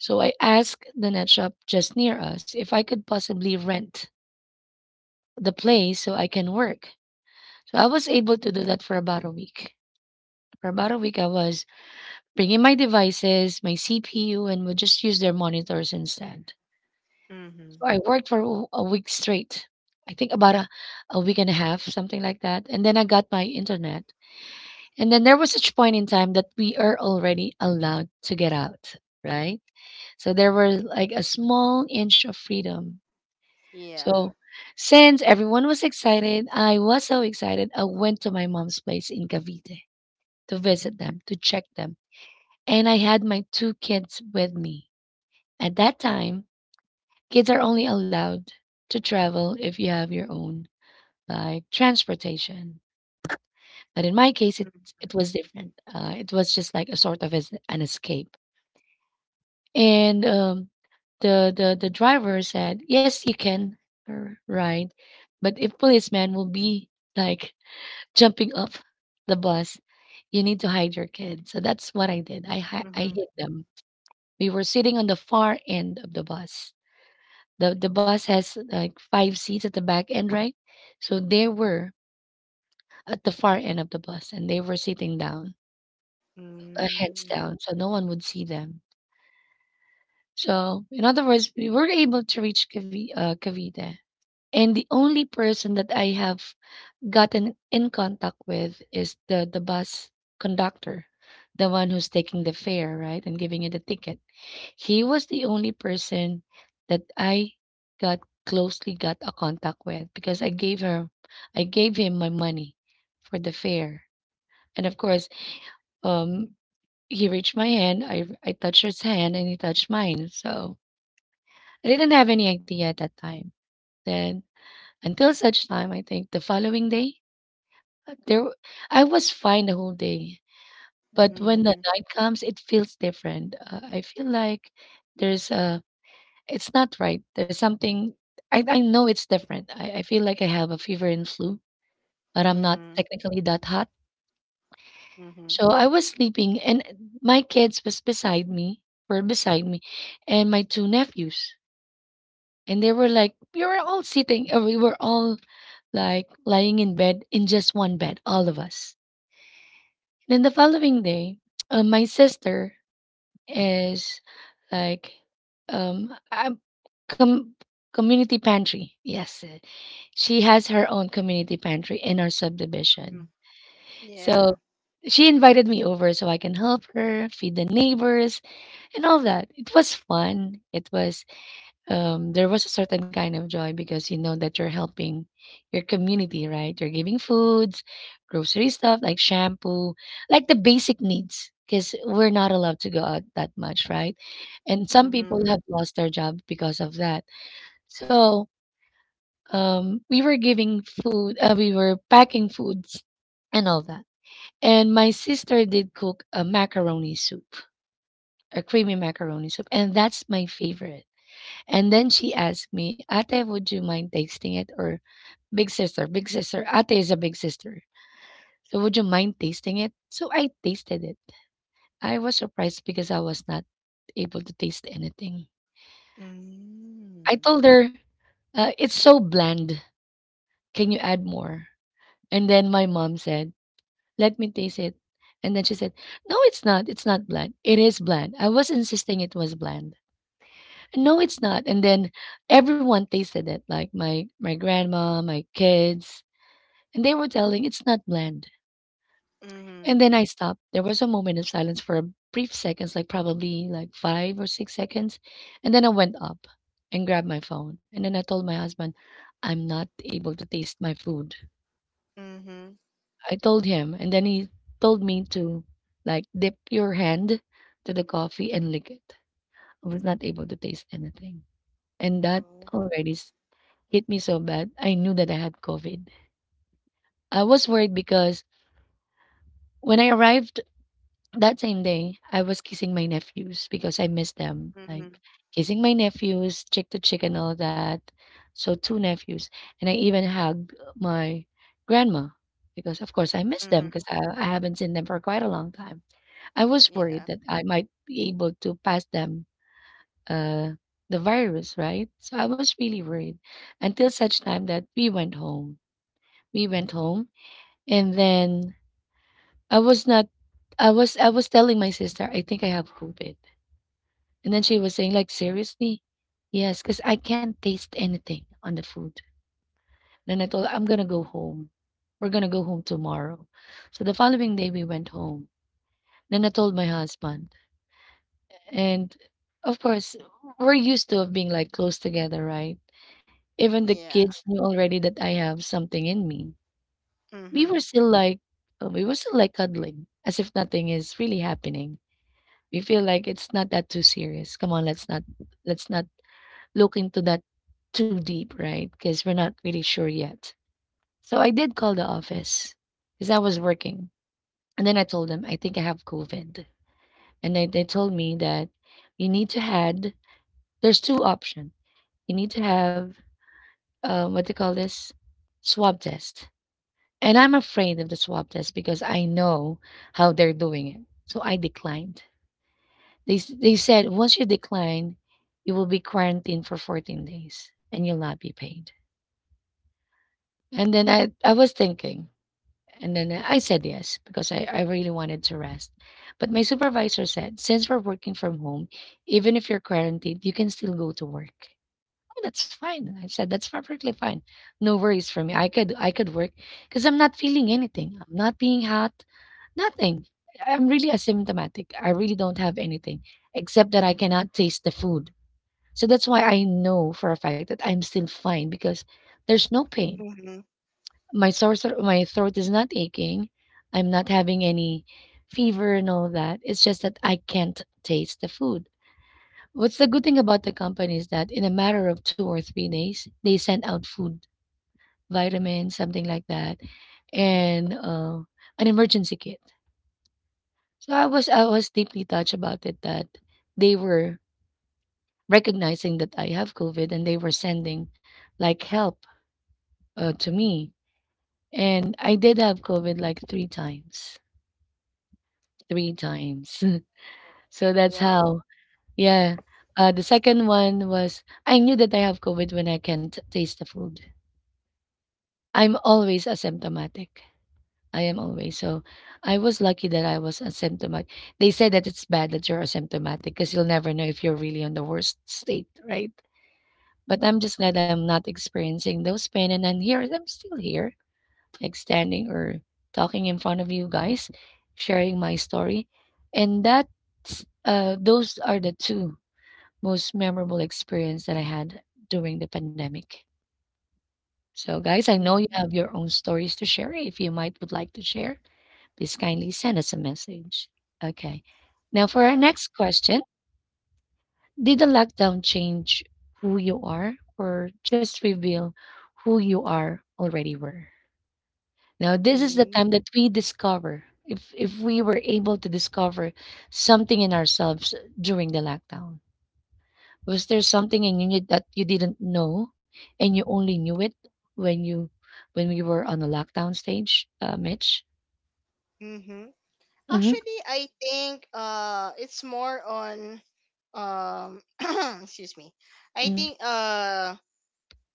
Speaker 1: So I asked the net shop just near us if I could possibly rent the place so I can work. So I was able to do that for about a week. For about a week, I was bring in my devices, my CPU, and would just use their monitors instead. So
Speaker 2: Mhm.
Speaker 1: I worked for a week straight. I think about a week and a half, something like that. And then I got my internet. And then there was such a point in time that we are already allowed to get out, right? So there were like a small inch of freedom.
Speaker 2: Yeah.
Speaker 1: So since everyone was excited, I was so excited. I went to my mom's place in Cavite to visit them, to check them. And I had my two kids with me. At that time, kids are only allowed to travel if you have your own like transportation. But in my case, it was different. It was just like a sort of as an escape. And the driver said, "Yes, you can ride, but if policeman will be like jumping off the bus, you need to hide your kid." So that's what I did. I
Speaker 2: Mhm.
Speaker 1: hid them. We were sitting on the far end of the bus. The bus has like five seats at the back end, right? So they were at the far end of the bus and they were sitting down, heads
Speaker 2: Mhm.
Speaker 1: down, so no one would see them. So in other words, we were able to reach Cavite, and the only person that I have gotten in contact with is the bus conductor, the one who's taking the fare, right, and giving you the ticket. He was the only person that I got got a contact with because I gave him my money for the fare. And of course, um he reached my hand, I touched his hand and he touched mine. So I didn't have any idea at that time. Then until such time I think the following day, uh, there w- I was fine the whole day. But when the
Speaker 2: Mhm.
Speaker 1: night comes, it feels different. I feel like there's a It's not right. There's something I know it's different. I feel like I have a fever and flu, but I'm not
Speaker 2: Mhm.
Speaker 1: technically that hot.
Speaker 2: Mhm.
Speaker 1: So I was sleeping and my kids was beside me, were beside me, and my two nephews. And they were like, we were all like lying in bed in just one bed, all of us. Then the following day, my sister is like um um, com- community pantry. Yes, she has her own community pantry in our
Speaker 2: Mhm.
Speaker 1: subdivision. So
Speaker 2: Yeah.
Speaker 1: she invited me over so I can help her feed the neighbors and all that. It was fun. It was there was a certain kind of joy because you know that you're helping your community, right? You're giving foods, grocery stuff like shampoo, like the basic needs, because we're not allowed to go out that much, right? And some people
Speaker 2: Mhm.
Speaker 1: have lost their job because of that. So we were giving food, we were packing foods and all that. And my sister did cook a macaroni soup, a creamy macaroni soup, and that's my favorite. And then she asked me, "Ate, would you mind tasting it?" Or big sister, big sister. Ate is a big sister. So would you mind tasting it? So I tasted it. I was surprised because I was not able to taste anything. I
Speaker 2: Mhm.
Speaker 1: told her, it's so bland. Can you add more? And then my mom said, let me taste it. And then she said, no, it's not. It's not bland. It is bland. I was insisting it was bland. No, it's not. And then everyone tasted it, like my grandma, my kids, and they were telling it's not bland. And
Speaker 2: Mhm.
Speaker 1: then I stopped. There was a moment of silence for a brief seconds, like probably like five or six seconds. And then I went up and grabbed my phone. And then I told my husband, I'm not able to taste my food.
Speaker 2: Mhm.
Speaker 1: I told him, and then he told me to like dip your hand to the coffee and lick it. I was not able to taste anything. And that
Speaker 2: Oh.
Speaker 1: already s- hit me so bad. I knew that I had COVID. I was worried because when I arrived that same day, I was kissing my nephews because I missed them, like,
Speaker 2: Mhm.
Speaker 1: kissing my nephews, cheek to cheek and all that. So 2 nephews, and I even hugged my grandma because, of course, I miss them 'cause
Speaker 2: Mhm.
Speaker 1: I haven't seen them for quite a long time. I was worried
Speaker 2: Yeah.
Speaker 1: that I might be able to pass them, uh, the virus, right? So I was really worried until such time that we went home. We went home, and then I was not I was I was telling my sister, "I think I have COVID." And then she was saying, like, seriously? Yes, because I can't taste anything on the food. Then I told her, I'm gonna go home. We're gonna go home tomorrow. So the following day we went home. Then I told my husband. And of course, we're used to of being like close together, right? Even the
Speaker 2: Yeah.
Speaker 1: kids knew already that I have something in me. We were
Speaker 2: Mhm.
Speaker 1: still like we were still like cuddling, as if nothing is really happening. We feel like it's not that too serious. Come on, let's not look into that too deep, right? Because we're not really sure yet. So I did call the office because I was working. And then I told them, I think I have COVID. And they told me that you need to had there's two options. You need to have, what they call this, swab test. And I'm afraid of the swab test because I know how they're doing it. So I declined. They said, once you decline, you will be quarantined for 14 days and you'll not be paid. And then I was thinking, and then I said yes because I really wanted to rest. But my supervisor said, since we're working from home, even if you're quarantined, you can still go to work. Oh, that's fine. I said that's perfectly fine. No worries for me. I could work because I'm not feeling anything. I'm not being hot. Nothing. I'm really asymptomatic. I really don't have anything except that I cannot taste the food. So that's why I know for a fact that I'm still fine because there's no pain,
Speaker 2: mhm.
Speaker 1: my sore, my throat is not aching. I'm not having any fever and all that. It's just that I can't taste the food. What's the good thing about the company is that in a matter of 2 or 3 days, they send out food, vitamins, something like that, and, an emergency kit. So I was deeply touched about it that they were recognizing that I have COVID and they were sending, like, help, to me. And I did have COVID, like, 3 times. 3 times. So that's how,
Speaker 2: Whoa.
Speaker 1: yeah. The second one was I knew that I have COVID when I can't taste the food. I'm always asymptomatic. I am always. So I was lucky that I was asymptomatic. They say that it's bad that you're asymptomatic because you'll never know if you're really on the worst state, right? But I'm just glad I'm not experiencing those pain and I'm still here, like standing or talking in front of you guys, sharing my story. And that's, those are the two most memorable experience that I had during the pandemic. So guys, I know you
Speaker 2: Mhm.
Speaker 1: have your own stories to share. If you might would like to share, please kindly send us a message. Okay. Now for our
Speaker 2: Yeah.
Speaker 1: next question, did the lockdown change who you are or just reveal who you are already were? Now, this is the
Speaker 2: Mm-hmm.
Speaker 1: time that we discover if we were able to discover something in ourselves during the lockdown. Was there something in you that you didn't know and you only knew it when you, when we were on the lockdown stage, Mitch? Mm-hmm.
Speaker 2: Actually, I think it's more on, um excuse me. I
Speaker 1: Mm-hmm.
Speaker 2: think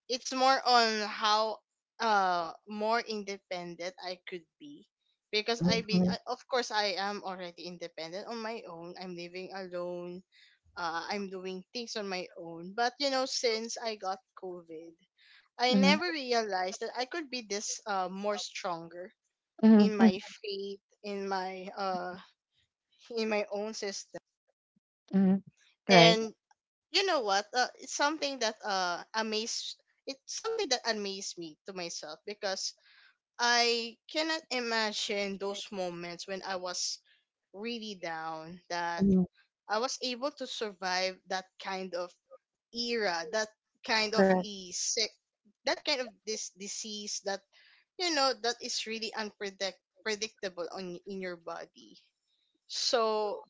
Speaker 2: it's more on how more independent I could be, because
Speaker 1: Mm-hmm.
Speaker 2: of course I am already independent on my own. I'm living alone. I'm doing things on my own. But you know, since I got COVID, I
Speaker 1: Mm-hmm.
Speaker 2: never realized that I could be this more stronger in
Speaker 1: Mm-hmm.
Speaker 2: my faith, in my own system.
Speaker 1: Mm-hmm. Right.
Speaker 2: And you know what? It's something that amazed it's something that amazed me to myself because I cannot imagine those moments when I was really down that
Speaker 1: Mm-hmm.
Speaker 2: I was able to survive that kind of era, kind of
Speaker 1: Correct.
Speaker 2: a sick that kind of this disease that, you know, that is really unpredictable on in your body. So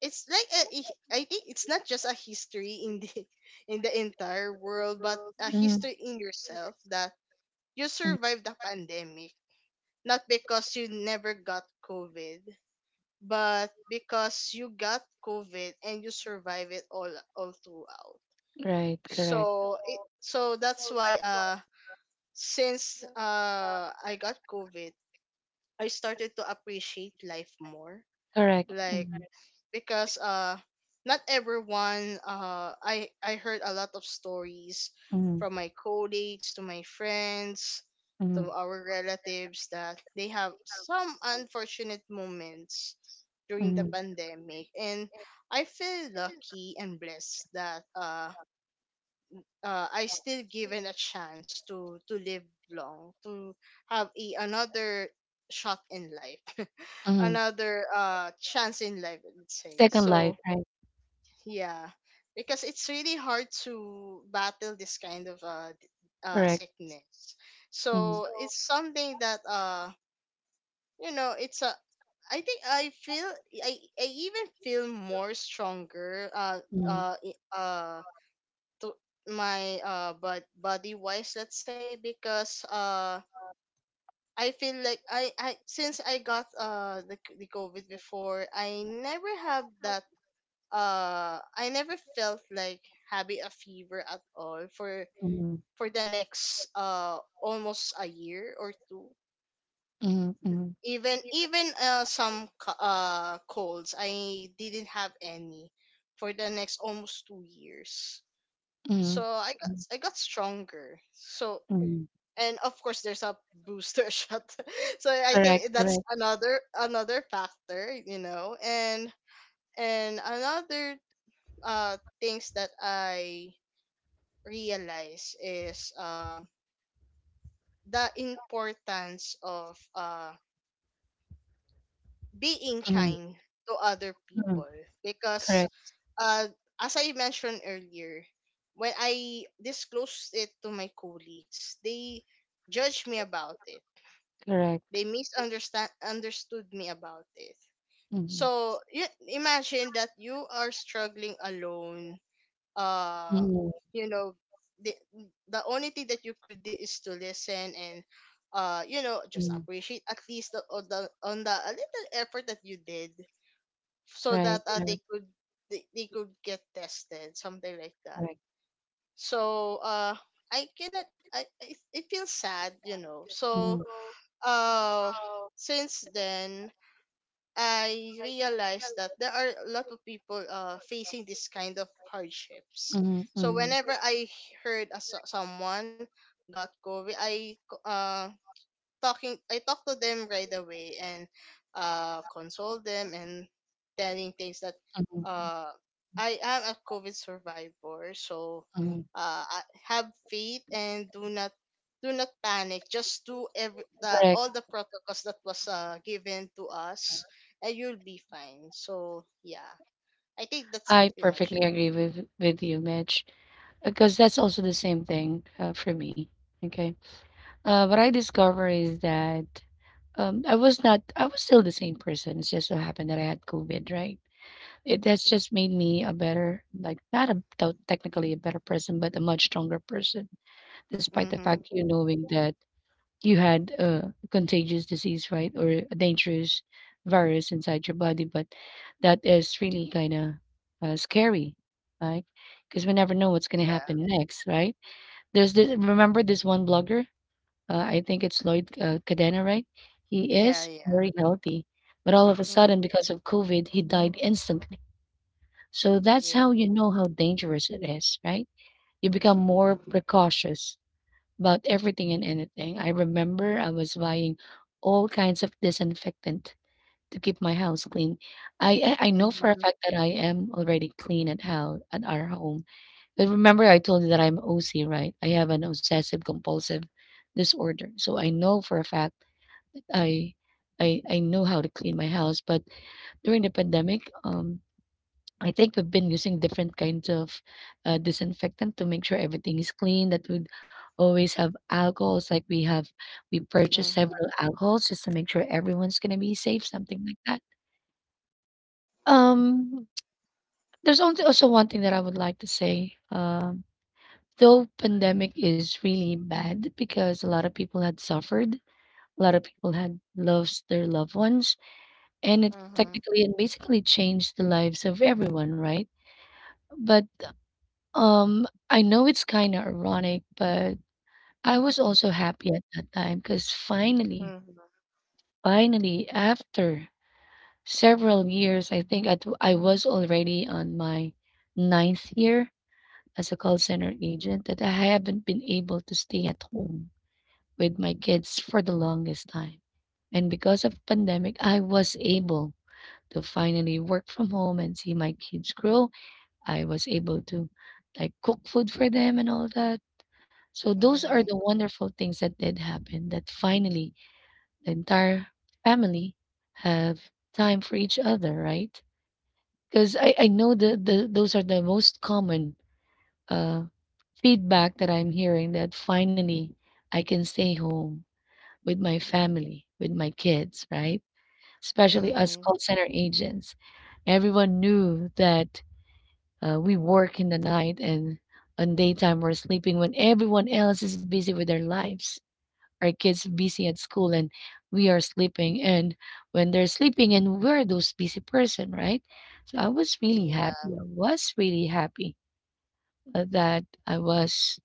Speaker 2: it's like a, I think it's not just a history in the in the entire world, but a history in yourself that you
Speaker 1: Mm.
Speaker 2: survived the pandemic, not because you never got COVID, but because you got COVID and you survive it all throughout.
Speaker 1: Right. Correct.
Speaker 2: So that's why, since I got COVID, I started to appreciate life more.
Speaker 1: Correct.
Speaker 2: Like,
Speaker 1: Mm-hmm.
Speaker 2: because not everyone, I heard a lot of stories from my colleagues to my friends
Speaker 1: Mm-hmm.
Speaker 2: to our relatives that they have some unfortunate moments during the
Speaker 1: Mm-hmm.
Speaker 2: pandemic, and I feel lucky and blessed that, I still given a chance to live long, to have a, another shot in life,
Speaker 1: Mm-hmm.
Speaker 2: another chance in life, let's say.
Speaker 1: Second life.
Speaker 2: So
Speaker 1: Right.
Speaker 2: yeah, because it's really hard to battle this kind of,
Speaker 1: Correct.
Speaker 2: sickness.
Speaker 1: Mm-hmm.
Speaker 2: So it's something that, you know, it's a, I think I feel, I even feel more stronger, uh i- uh to my but body wise, let's say, because I feel like, I since I got the COVID before, I never have that, I never felt like having a fever at all
Speaker 1: Mm-hmm.
Speaker 2: for the next almost a year or two.
Speaker 1: Mm-hmm.
Speaker 2: Even some colds, I didn't have any for the next almost 2 years. So
Speaker 1: Mm-hmm.
Speaker 2: I got stronger. So,
Speaker 1: Mm.
Speaker 2: and of course there's a booster shot. So I
Speaker 1: Correct,
Speaker 2: think that's
Speaker 1: correct.
Speaker 2: another factor, you know. And another things that I realize is, the importance of, being
Speaker 1: Mm,
Speaker 2: kind to other
Speaker 1: mm.
Speaker 2: people because,
Speaker 1: Correct,
Speaker 2: uh, as I mentioned earlier, when I disclosed it to my colleagues, they judged me about it.
Speaker 1: correct.
Speaker 2: They misunderstand understood me about it.
Speaker 1: Mm,
Speaker 2: So you imagine that you are struggling alone uh
Speaker 1: mm.
Speaker 2: you know the, the only thing that you could do is to listen and just appreciate at least the a little effort that you did so that they could they could get tested, something like that.
Speaker 1: Correct.
Speaker 2: So I cannot, it feels sad. So uh since then, I realized that there are a lot of people facing this kind of hardships. So
Speaker 1: Mm,
Speaker 2: whenever I heard a, someone got COVID, I talk to them right away and console them, and telling things that
Speaker 1: mm,
Speaker 2: uh I am a COVID survivor, so
Speaker 1: mm.
Speaker 2: I have faith and do not, do not panic, just do every the all the protocols that was given to us and you'll be fine. So yeah, I think that's
Speaker 1: I
Speaker 2: pretty much
Speaker 1: perfectly agree with you, Mitch, because that's also the same thing, for me. Okay. What I discover is that, I was not, I was still the same person. It's just so happened that I had COVID, right? It, that's just made me a better, like not a technically a better person, but a much stronger person,
Speaker 2: it.
Speaker 1: despite the
Speaker 2: Mm-hmm.
Speaker 1: fact you knowing that you had a contagious disease, right? Or a dangerous virus inside your body. But that is really kind of, scary, right? Because we never know what's going to
Speaker 2: Yeah,
Speaker 1: happen next, right? There's this, remember this one blogger? I think it's Lloyd, Cadena, right? He
Speaker 2: yeah,
Speaker 1: is
Speaker 2: yeah.
Speaker 1: very healthy. But all of a
Speaker 2: Mm-hmm.
Speaker 1: sudden, because of COVID, he died instantly. So that's
Speaker 2: Yeah.
Speaker 1: how you know how dangerous it is, right? You become more precautious about everything and anything. I remember I was buying all kinds of disinfectant to keep my house clean. I know for a
Speaker 2: Mm-hmm.
Speaker 1: fact that I am already clean at how at our home. But remember I told you that I'm OC, right? I have an obsessive compulsive disorder. So I know for a fact I I know how to clean my house, but during the pandemic, I think we've been using different kinds of, disinfectant to make sure everything is clean. That would always have alcohols, like we have, we purchase
Speaker 2: Mm-hmm.
Speaker 1: several alcohols just to make sure everyone's gonna be safe, something like that. Um, there's also one thing that I would like to say. Though pandemic is really bad because a lot of people had suffered, a lot of people had lost their loved ones, and it
Speaker 2: Mm-hmm.
Speaker 1: technically and basically changed the lives of everyone, right? But, I know it's kinda ironic, but I was also happy at that time because finally,
Speaker 2: Mm-hmm.
Speaker 1: finally, after several years, I think I was already on my ninth year as a call center agent that I haven't been able to stay at home with my kids for the longest time. And because of pandemic, I was able to finally work from home and see my kids grow. I was able to, like, cook food for them and all that. So those are
Speaker 2: Mm-hmm.
Speaker 1: the wonderful things that did happen that finally the entire family have time for each other, right? Because I know the those are the most common, uh, feedback that I'm hearing that finally I can stay home with my family, with my kids, right? Especially us
Speaker 2: Mm-hmm.
Speaker 1: call center agents. Everyone knew that, we work in the night and on daytime we're sleeping when everyone else is busy with their lives, our kids busy at school, and we are sleeping, and when they're sleeping and we're those busy person, right? So i was really
Speaker 2: Yeah.
Speaker 1: happy i was really happy that I was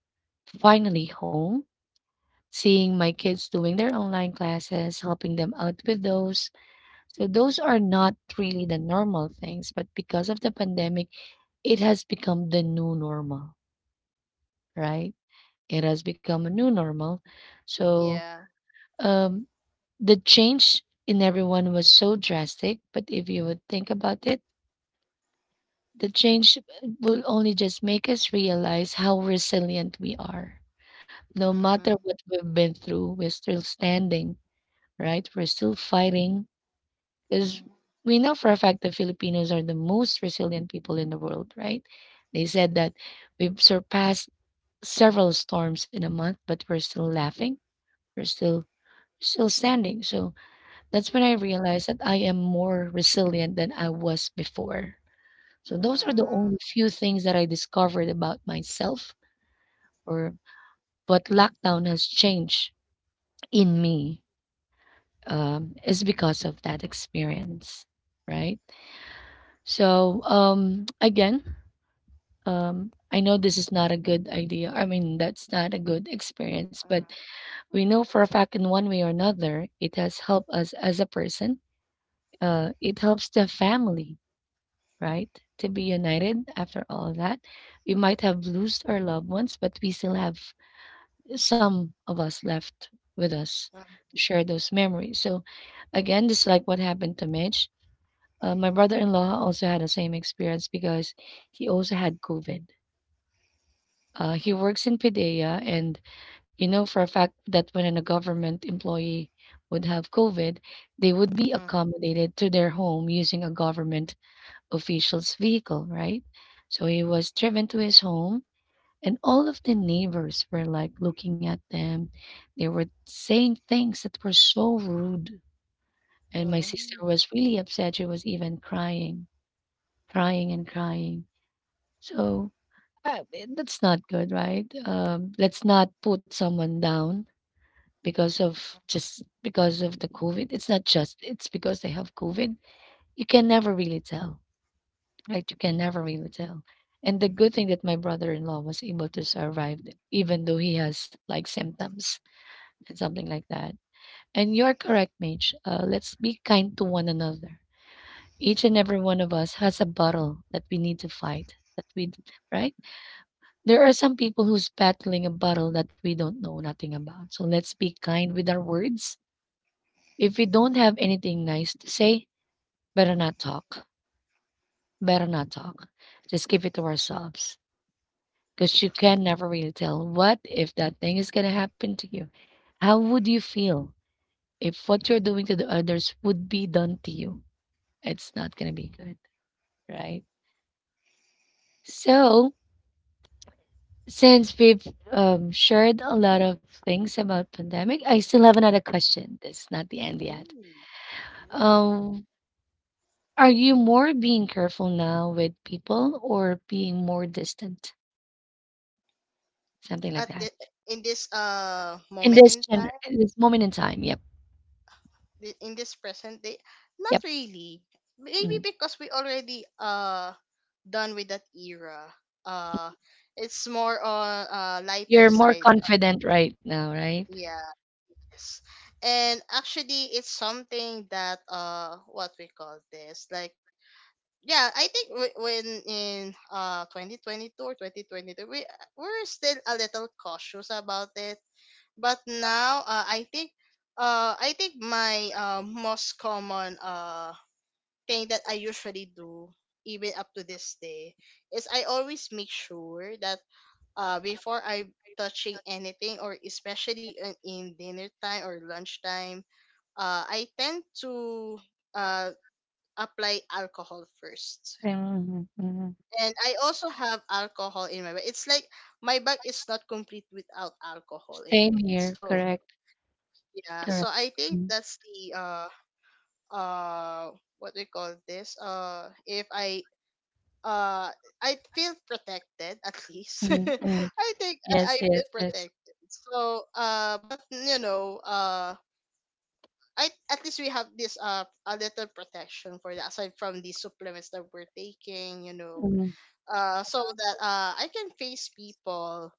Speaker 1: finally home, seeing my kids doing their online classes, helping them out with those. So those are not really the normal things, but because of the pandemic, it has become the new normal, right? It has become a new normal. So,
Speaker 2: Yeah.
Speaker 1: Um, the change in everyone was so drastic, but if you would think about it, the change, will only just make us realize how resilient we are. No
Speaker 2: Mm-hmm.
Speaker 1: matter what we've been through, we're still standing, right? We're still fighting
Speaker 2: Mm-hmm.
Speaker 1: because we know for a fact that Filipinos are the most resilient people in the world, right? They said that we've surpassed several storms in a month, but we're still laughing. We're still standing. So that's when I
Speaker 2: Mm-hmm.
Speaker 1: realized that I am more resilient than I was before. So those are the only few things that I discovered about myself, or what lockdown has changed in me, is because of that experience, right? So, again, I know this is not a good idea. I mean, that's not a good experience, but
Speaker 2: Mm-hmm.
Speaker 1: we know for a fact in one way or another, it has helped us as a person. It helps the family, right? To be united after all that. We might have lost our loved ones, but we still have some of us left with us
Speaker 2: Mm-hmm.
Speaker 1: to share those memories. So, again, just like what happened to Mitch, my brother in law also had the same experience because he also had COVID. He works in Pidea, and you know for a fact that when a government employee would have COVID, they would be accommodated to their home using a government official's vehicle, right? So he was driven to his home, and all of the neighbors were like looking at them. They were saying things that were so rude. And my sister
Speaker 2: Mm.
Speaker 1: was really upset. She was even crying, crying, and crying. So, that's not good, right? Let's not put someone down because of, just because of the COVID. It's not just, it's because they have COVID. You can never really tell. Right, you can never really tell. And the good thing that my brother-in-law was able to survive, even though he has like symptoms and something like that. And you're correct, Mage. Let's be kind to one another. Each and every one of us has a battle that we need to fight. That we, right? There are some people who's battling a battle that we don't know nothing about. So let's be kind with our words. If we don't have anything nice to say, better not talk. Better not talk. Just keep it to ourselves because you can never really tell what if that thing is going to happen to you. How would you feel if what you're doing to the others would be done to you? It's not going to be good, right? So, since we've, shared a lot of things about pandemic, I still have another question. This is not the end yet.
Speaker 2: Mm.
Speaker 1: Um, are you more being careful now with people or being more distant? Something like
Speaker 2: At the,
Speaker 1: that.
Speaker 2: in this
Speaker 1: In
Speaker 2: moment
Speaker 1: this
Speaker 2: in time,
Speaker 1: in this moment in time. Yep.
Speaker 2: in this present day, not
Speaker 1: Yep.
Speaker 2: really. Maybe
Speaker 1: Mm.
Speaker 2: because we already done with that era. Uh, it's more on lighter
Speaker 1: You're more
Speaker 2: side.
Speaker 1: confident right now, right?
Speaker 2: Yes. And actually, it's something that what we call this, like, yeah, I think when in 2022 or 2023, we we're still a little cautious about it. But now, I think my most common thing that I usually do, even up to this day, is I always make sure that before I touching anything, or especially in dinner time or lunchtime, I tend to uh apply alcohol first,
Speaker 1: Mhm, mhm.
Speaker 2: and I also have alcohol in my bag. It's like my bag is not complete without alcohol in
Speaker 1: Same
Speaker 2: it.
Speaker 1: here.
Speaker 2: So
Speaker 1: Correct.
Speaker 2: yeah, so
Speaker 1: Correct.
Speaker 2: I think
Speaker 1: Mm,
Speaker 2: that's the uh what do you call this? If I uh I feel protected at least.
Speaker 1: mm, mm.
Speaker 2: I think
Speaker 1: Yes,
Speaker 2: I
Speaker 1: yes,
Speaker 2: feel
Speaker 1: yes.
Speaker 2: protected. So but I, at least we have this a little protection for that, aside from the supplements that we're taking.
Speaker 1: Mhm,
Speaker 2: So that I can face people,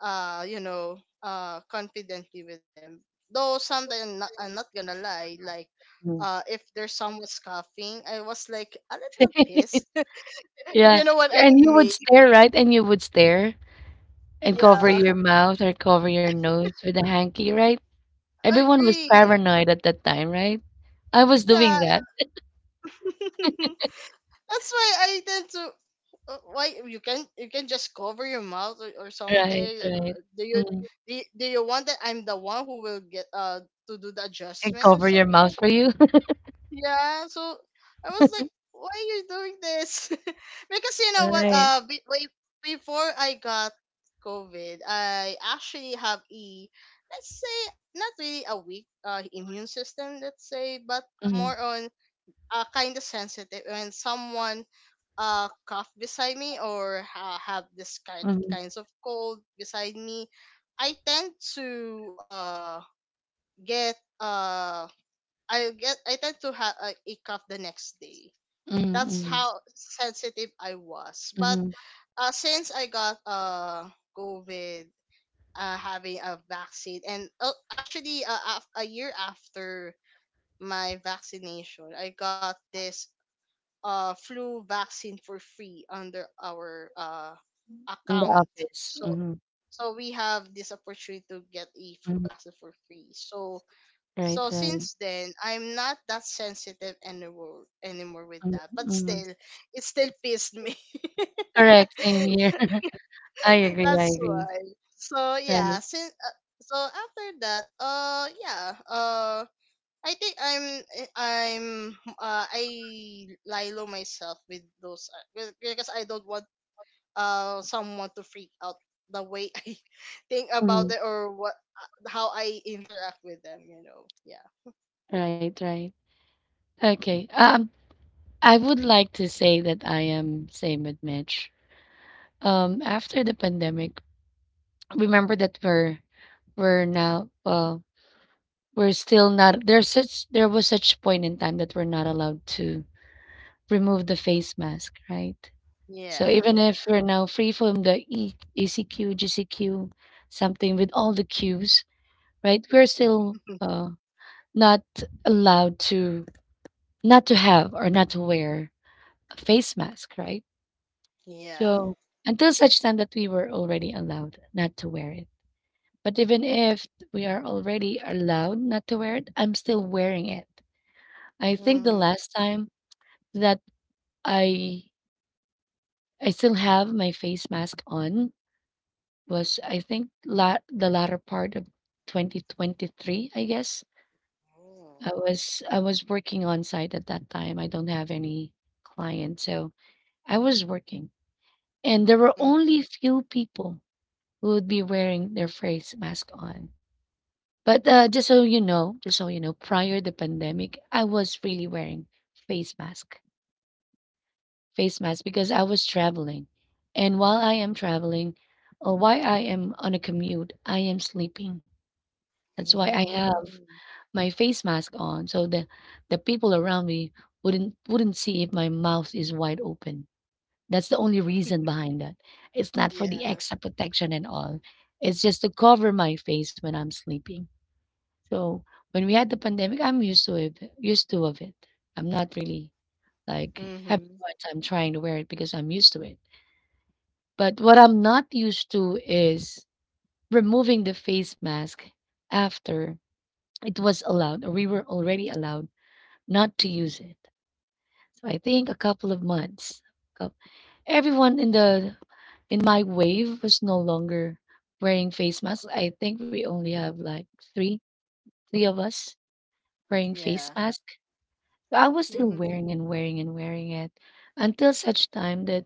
Speaker 2: confidently with them. Though sometimes I'm not gonna lie, like,
Speaker 1: mm.
Speaker 2: if there's someone scoffing, I was like a little pissed. If
Speaker 1: Yeah.
Speaker 2: you know what I
Speaker 1: Yeah, and you would
Speaker 2: mean?
Speaker 1: stare, right? And you would stare and cover
Speaker 2: Yeah,
Speaker 1: your mouth or cover your nose with a hanky, right? Everyone was
Speaker 2: agree.
Speaker 1: paranoid at that time, right? I was doing
Speaker 2: Yeah,
Speaker 1: that.
Speaker 2: that's why I tend to. Why you can, you can just cover your mouth, or something?
Speaker 1: Right, right.
Speaker 2: Do you
Speaker 1: Mm.
Speaker 2: do, do you want that I'm the one who will get to do the
Speaker 1: And
Speaker 2: adjustment or
Speaker 1: cover your
Speaker 2: something
Speaker 1: mouth
Speaker 2: like.
Speaker 1: for you.
Speaker 2: Yeah, so I was like, why are you doing this? Because you know what,
Speaker 1: Right.
Speaker 2: wait, before I got COVID, I actually have a, let's say, not really a weak immune system, let's say, but
Speaker 1: Mhm,
Speaker 2: more on kind of sensitive when someone cough beside me, or have this kind
Speaker 1: mhm,
Speaker 2: kinds of cold beside me, I tend to get I tend to have a cough the next day. That's
Speaker 1: mhm,
Speaker 2: how sensitive I was. But
Speaker 1: mhm.
Speaker 2: since I got COVID, having a vaccine, and a year after my vaccination, I got this flu vaccine for free under our
Speaker 1: In the
Speaker 2: account.
Speaker 1: office.
Speaker 2: So
Speaker 1: Mhm,
Speaker 2: so we have this opportunity to get a flu
Speaker 1: mhm.
Speaker 2: vaccine for free. So
Speaker 1: Right,
Speaker 2: so
Speaker 1: right.
Speaker 2: since then, I'm not that sensitive anymore with that. But
Speaker 1: Mhm.
Speaker 2: still, it still pissed me.
Speaker 1: Correct, same here. I agree, I
Speaker 2: That's
Speaker 1: agree.
Speaker 2: why. So
Speaker 1: Right.
Speaker 2: yeah, since so after that, yeah, I think I'm I'm uh I lie low myself with those. Because I don't want someone to freak out the way I think about it,
Speaker 1: Mhm.
Speaker 2: or what how I interact with them. You know. Yeah.
Speaker 1: Right, right. Okay. I would like to say that I am same with Mitch. After the pandemic, remember that we're now we're still, not there's such, there was such point in time that we're not allowed to remove the face mask, right? So
Speaker 2: Yeah.
Speaker 1: even if we're now free from the E ECQ, GCQ, something with all the cues, right? We're still not allowed to, not to have or not to wear a face mask, right?
Speaker 2: Yeah.
Speaker 1: So until such time that we were already allowed not to wear it. But even if we are already allowed not to wear it, I'm still wearing it. I think the
Speaker 2: Mhm.
Speaker 1: last time that I I still have my face mask on was I think the latter part of 2023, I guess.
Speaker 2: Oh.
Speaker 1: I was working on site at that time. I don't have any clients, so I was working and there were
Speaker 2: Mm.
Speaker 1: only few people who would be wearing their face mask on. But just so you know, prior the pandemic, I was really wearing face mask, face mask because I was traveling, and while I am traveling, or while I am on a commute, I am sleeping. That's why I
Speaker 2: Mm.
Speaker 1: have my face mask on, so the people around me wouldn't see if my mouth is wide open. That's the only reason behind that. It's not for the
Speaker 2: Yeah.
Speaker 1: extra protection and all. It's just to cover my face when I'm sleeping. So when we had the pandemic, I'm used to it. Used to of it. I'm not really like having a
Speaker 2: Mm-hmm.
Speaker 1: hard time trying to wear it because I'm used to it. But what I'm not used to is removing the face mask after it was allowed, or we were already allowed not to use it. So I think a couple of months, coup- everyone in the in my wave was no longer wearing face masks. I think we only have like three, three of us wearing face
Speaker 2: Yeah.
Speaker 1: mask. So I was still
Speaker 2: Mm-hmm.
Speaker 1: wearing it until such time that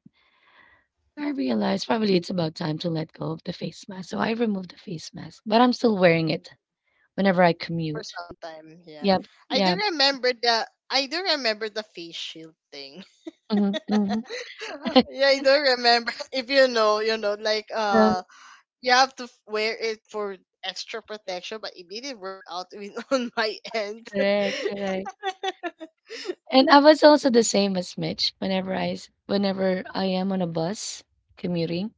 Speaker 1: I realized probably it's about time to let go of the face mask. So I removed the face mask, but I'm still wearing it whenever I
Speaker 2: For
Speaker 1: commute.
Speaker 2: some time, yeah.
Speaker 1: Yep. Yeah.
Speaker 2: I do remember the face shield thing.
Speaker 1: Hmm, hmm.
Speaker 2: Yeah, I do remember. If you know, you know, like, you have to wear it for extra protection, but it didn't work out in, on my end.
Speaker 1: Correct. Correct. And I was also the same as Mitch whenever whenever I am on a bus commuting.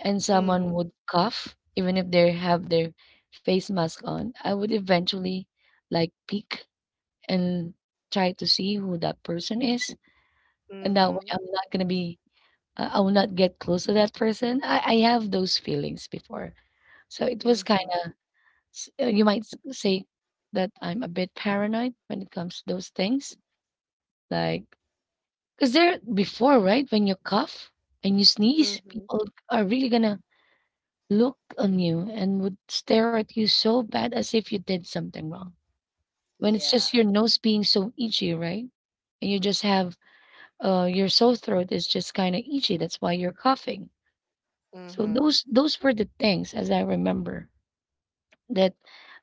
Speaker 1: And someone
Speaker 2: Mhm.
Speaker 1: would cough even if they have their face mask on, I would eventually like peek and try to see who that person is, and that way
Speaker 2: Mhm.
Speaker 1: I'm not going to be, I will not get close to that person. I have those feelings before, so it was kind
Speaker 2: Mhm.
Speaker 1: of, you might say that I'm a bit paranoid when it comes to those things, like because there before, right, when you cough and you sneeze,
Speaker 2: Mhm.
Speaker 1: people are really gonna look on you and would stare at you so bad as if you did something wrong. When it's
Speaker 2: Yeah.
Speaker 1: just your nose being so itchy, right? And you just have your sore throat is just kind of itchy. That's why you're coughing. So
Speaker 2: Mhm.
Speaker 1: those were the things as I remember that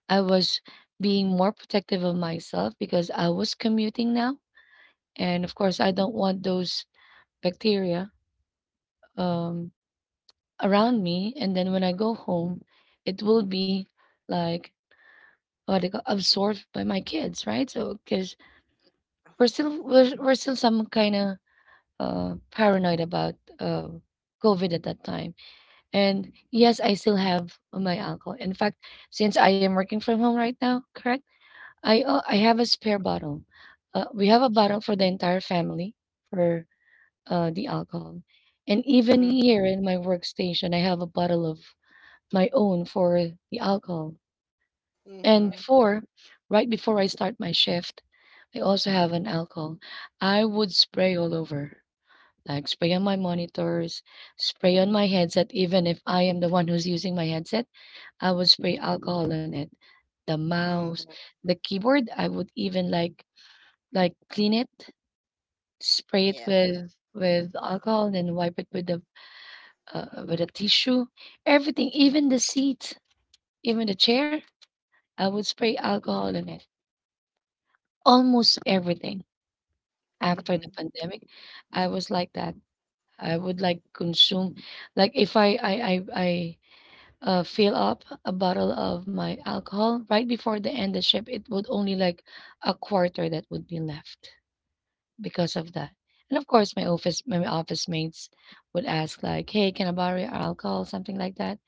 Speaker 1: I was being more protective of myself because I was commuting now. And of course, I don't want those bacteria um, around me. And then when I go home, it will be like what they you call absorbed by my kids, right? So, because we're still some kind of paranoid about COVID at that time. And yes, I still have my alcohol. In fact, since I am working from home right now, correct? I have a spare bottle. We have a bottle for the entire family for the alcohol, and even
Speaker 2: Mhm.
Speaker 1: here in my workstation, I have a bottle of my own for the alcohol. And
Speaker 2: Mhm.
Speaker 1: before right before I start my shift, I also have an alcohol. I would spray all over, like spray on my monitors, spray on my headset, even if I am the one who's using my headset, I would spray alcohol on it. The mouse,
Speaker 2: Mhm.
Speaker 1: the keyboard, I would even like clean it, spray it
Speaker 2: Yeah.
Speaker 1: with alcohol, and then wipe it with the with a tissue. Everything, even the seat, even the chair, I would spray alcohol on it. Almost everything. After the
Speaker 2: Mhm.
Speaker 1: pandemic, I was like that. I would like consume, like if I fill up a bottle of my alcohol right before the end of ship, it would only like a quarter that would be left because of that. And of course, my office mates would ask like, "Hey, can I borrow your alcohol?" Something like that,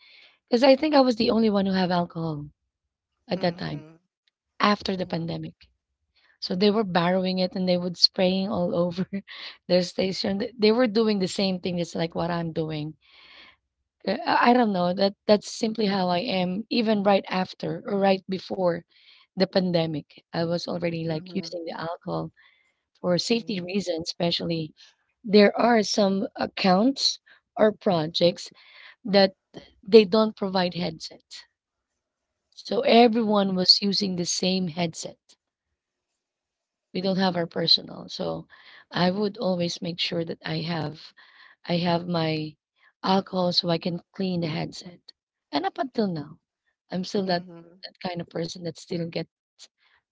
Speaker 1: because I think I was the only one who have alcohol at that time
Speaker 2: Mhm.
Speaker 1: after the
Speaker 2: Mhm.
Speaker 1: pandemic. So they were borrowing it and they would spraying all over their station. They were doing the same thing. It's like what I'm doing. I don't know. That's simply how I am. Even right after or right before the pandemic, I was already like
Speaker 2: Mhm.
Speaker 1: using the alcohol for safety
Speaker 2: Mm-hmm.
Speaker 1: reasons, especially there are some accounts or projects that they don't provide headsets, so
Speaker 2: Mm.
Speaker 1: everyone was using the same headset. We don't have our personal. So I would always make sure that I have my alcohol so I can clean the headset. And up until now, I'm still
Speaker 2: Mhm.
Speaker 1: that kind of person that still gets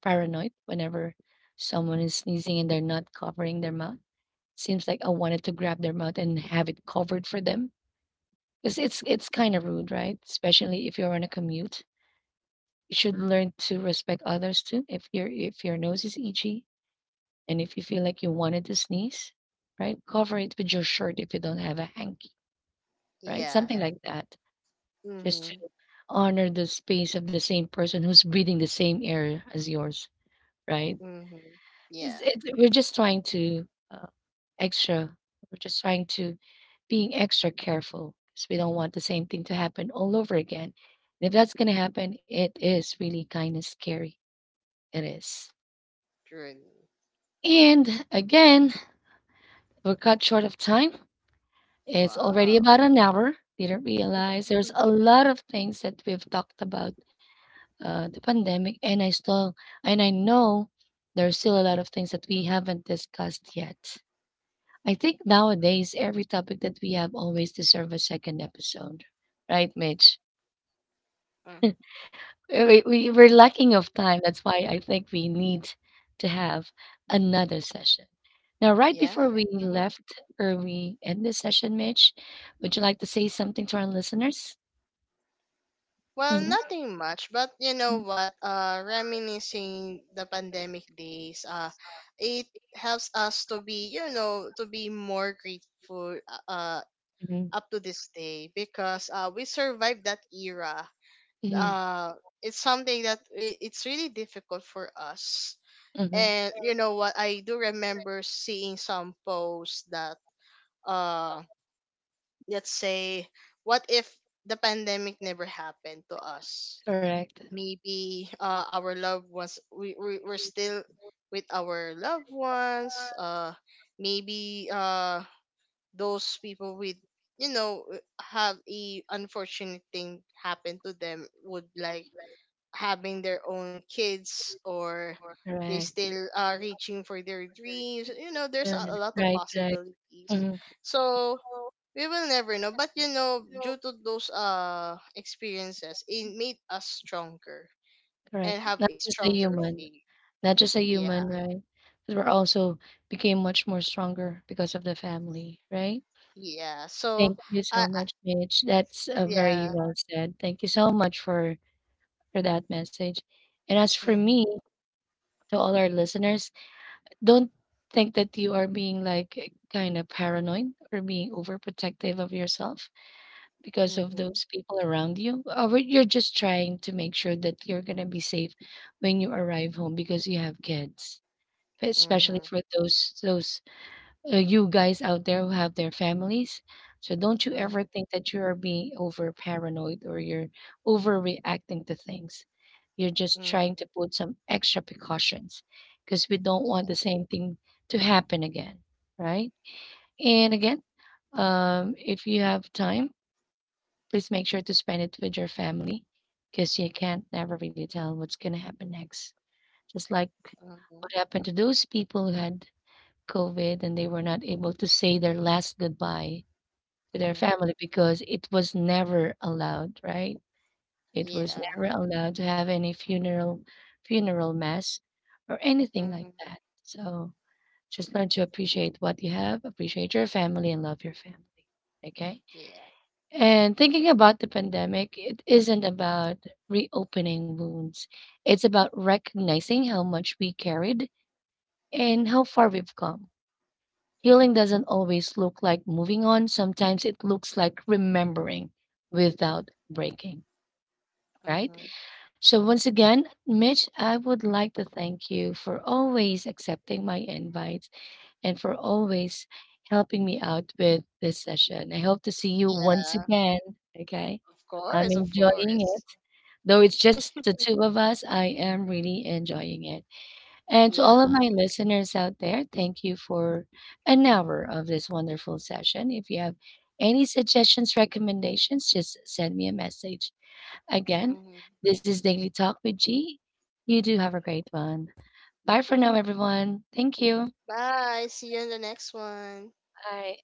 Speaker 1: paranoid whenever someone is sneezing and they're not covering their mouth. Seems like I wanted to grab their mouth and have it covered for them. Because it's kind of rude, right? Especially if you're on a commute. You should learn to respect others too. If your nose is itchy, and if you feel like you wanted to sneeze, right, cover it with your shirt if you don't have a hanky, right?
Speaker 2: Yeah.
Speaker 1: Something, yeah, like that, just to
Speaker 2: Mhm.
Speaker 1: honor the space of the same person who's breathing the same air as yours, right?
Speaker 2: Mhm. Yeah.
Speaker 1: We're just trying to extra, we're just trying to being extra careful because we don't want the same thing to happen all over again. And if that's going to happen, it is really kind of scary. It is.
Speaker 2: True.
Speaker 1: And again, we're cut short of time. It's already
Speaker 2: Wow.
Speaker 1: about an hour. Didn't realize there's a lot of things that we've talked about, the pandemic, and I know there's still a lot of things that we haven't discussed yet. I think nowadays every topic that we have always deserve a second episode, right, Mitch?
Speaker 2: Mm,
Speaker 1: We're lacking of
Speaker 2: mhm.
Speaker 1: time. That's why I think we need to have another session. Now, right before
Speaker 2: Yeah.
Speaker 1: we left or we end this session, Mitch, would you like to say something to our listeners?
Speaker 2: Well,
Speaker 1: Mhm.
Speaker 2: nothing much, but you know what? Reminiscing the pandemic days, it helps us to be, you know, to be more grateful,
Speaker 1: Mhm.
Speaker 2: up to this day, because we survived that era.
Speaker 1: Mhm.
Speaker 2: uh it's something that it's really difficult for us.
Speaker 1: Mhm.
Speaker 2: And you know what, I do remember seeing some posts that uh let's say, what if the pandemic never happened to us.
Speaker 1: Correct.
Speaker 2: Maybe our loved ones, we're still with our loved ones. Maybe those people with, you know, have a unfortunate thing happen to them, would like having their own kids, or they
Speaker 1: Correct. They.
Speaker 2: still are reaching for their dreams. You know, there's a lot of
Speaker 1: Right. Right.
Speaker 2: possibilities.
Speaker 1: Mhm.
Speaker 2: So we will never know. But you know, due to those experiences, it made us stronger
Speaker 1: Correct.
Speaker 2: and have
Speaker 1: Not
Speaker 2: a
Speaker 1: just a
Speaker 2: stronger
Speaker 1: human.
Speaker 2: faith.
Speaker 1: Not just a
Speaker 2: Yeah.
Speaker 1: human. Right. But we're also became much more stronger because of the family. Right.
Speaker 2: Yeah, so
Speaker 1: Thank you
Speaker 2: i
Speaker 1: so
Speaker 2: I-
Speaker 1: much, Mitch. That's very
Speaker 2: yeah.
Speaker 1: well said. Thank you so much for that message. And as for
Speaker 2: Mm-hmm.
Speaker 1: me, to all our listeners, don't think that you are being like eh, kind of paranoid or being overprotective of yourself because of
Speaker 2: Mm-hmm.
Speaker 1: those people around you. Or you're just trying to make sure that you're going to be safe when you arrive home because you have kids, especially
Speaker 2: Mm-hmm.
Speaker 1: for those you guys out there who have their families. So don't you
Speaker 2: Mm-hmm.
Speaker 1: ever think that you are being over paranoid or you're overreacting to things. You're just
Speaker 2: Hmm.
Speaker 1: trying to put some extra precautions because we don't want the
Speaker 2: Yeah.
Speaker 1: same thing to happen again, right? And again, if you have time, please make sure to spend it with your family because you can't never really tell what's going to happen next. Just like
Speaker 2: Mm-hmm.
Speaker 1: what happened to those people who had COVID and they were not able to say their last goodbye to their
Speaker 2: Hmm.
Speaker 1: family because it was never allowed, right? It was
Speaker 2: Yeah.
Speaker 1: never allowed to have any funeral mass or anything like
Speaker 2: Mm-hmm.
Speaker 1: that. So just learn to appreciate what you have, appreciate your family and love your family. Okay?
Speaker 2: Yeah.
Speaker 1: And thinking about the pandemic, it isn't about reopening wounds. It's about recognizing how much we carried and how far we've come. Healing doesn't always look like moving on. Sometimes it looks like remembering without breaking, right?
Speaker 2: Mm-hmm.
Speaker 1: So, once again, Mitch, I would like to thank you for always accepting my invites and for always helping me out with this session. I hope to see you once
Speaker 2: Yeah.
Speaker 1: again. Okay.
Speaker 2: Of
Speaker 1: I'm
Speaker 2: course, of
Speaker 1: enjoying
Speaker 2: course.
Speaker 1: it. Though it's just the two of us, I am really enjoying it. And to all of
Speaker 2: Yeah.
Speaker 1: my listeners out there, thank you for an hour of this wonderful session. If you have any suggestions, recommendations, just send me a message. Again,
Speaker 2: Hmm.
Speaker 1: this is Daily Talk with G. You do have a great one. Bye for now, everyone. Thank you.
Speaker 2: Bye. See you in the next one.
Speaker 1: Bye.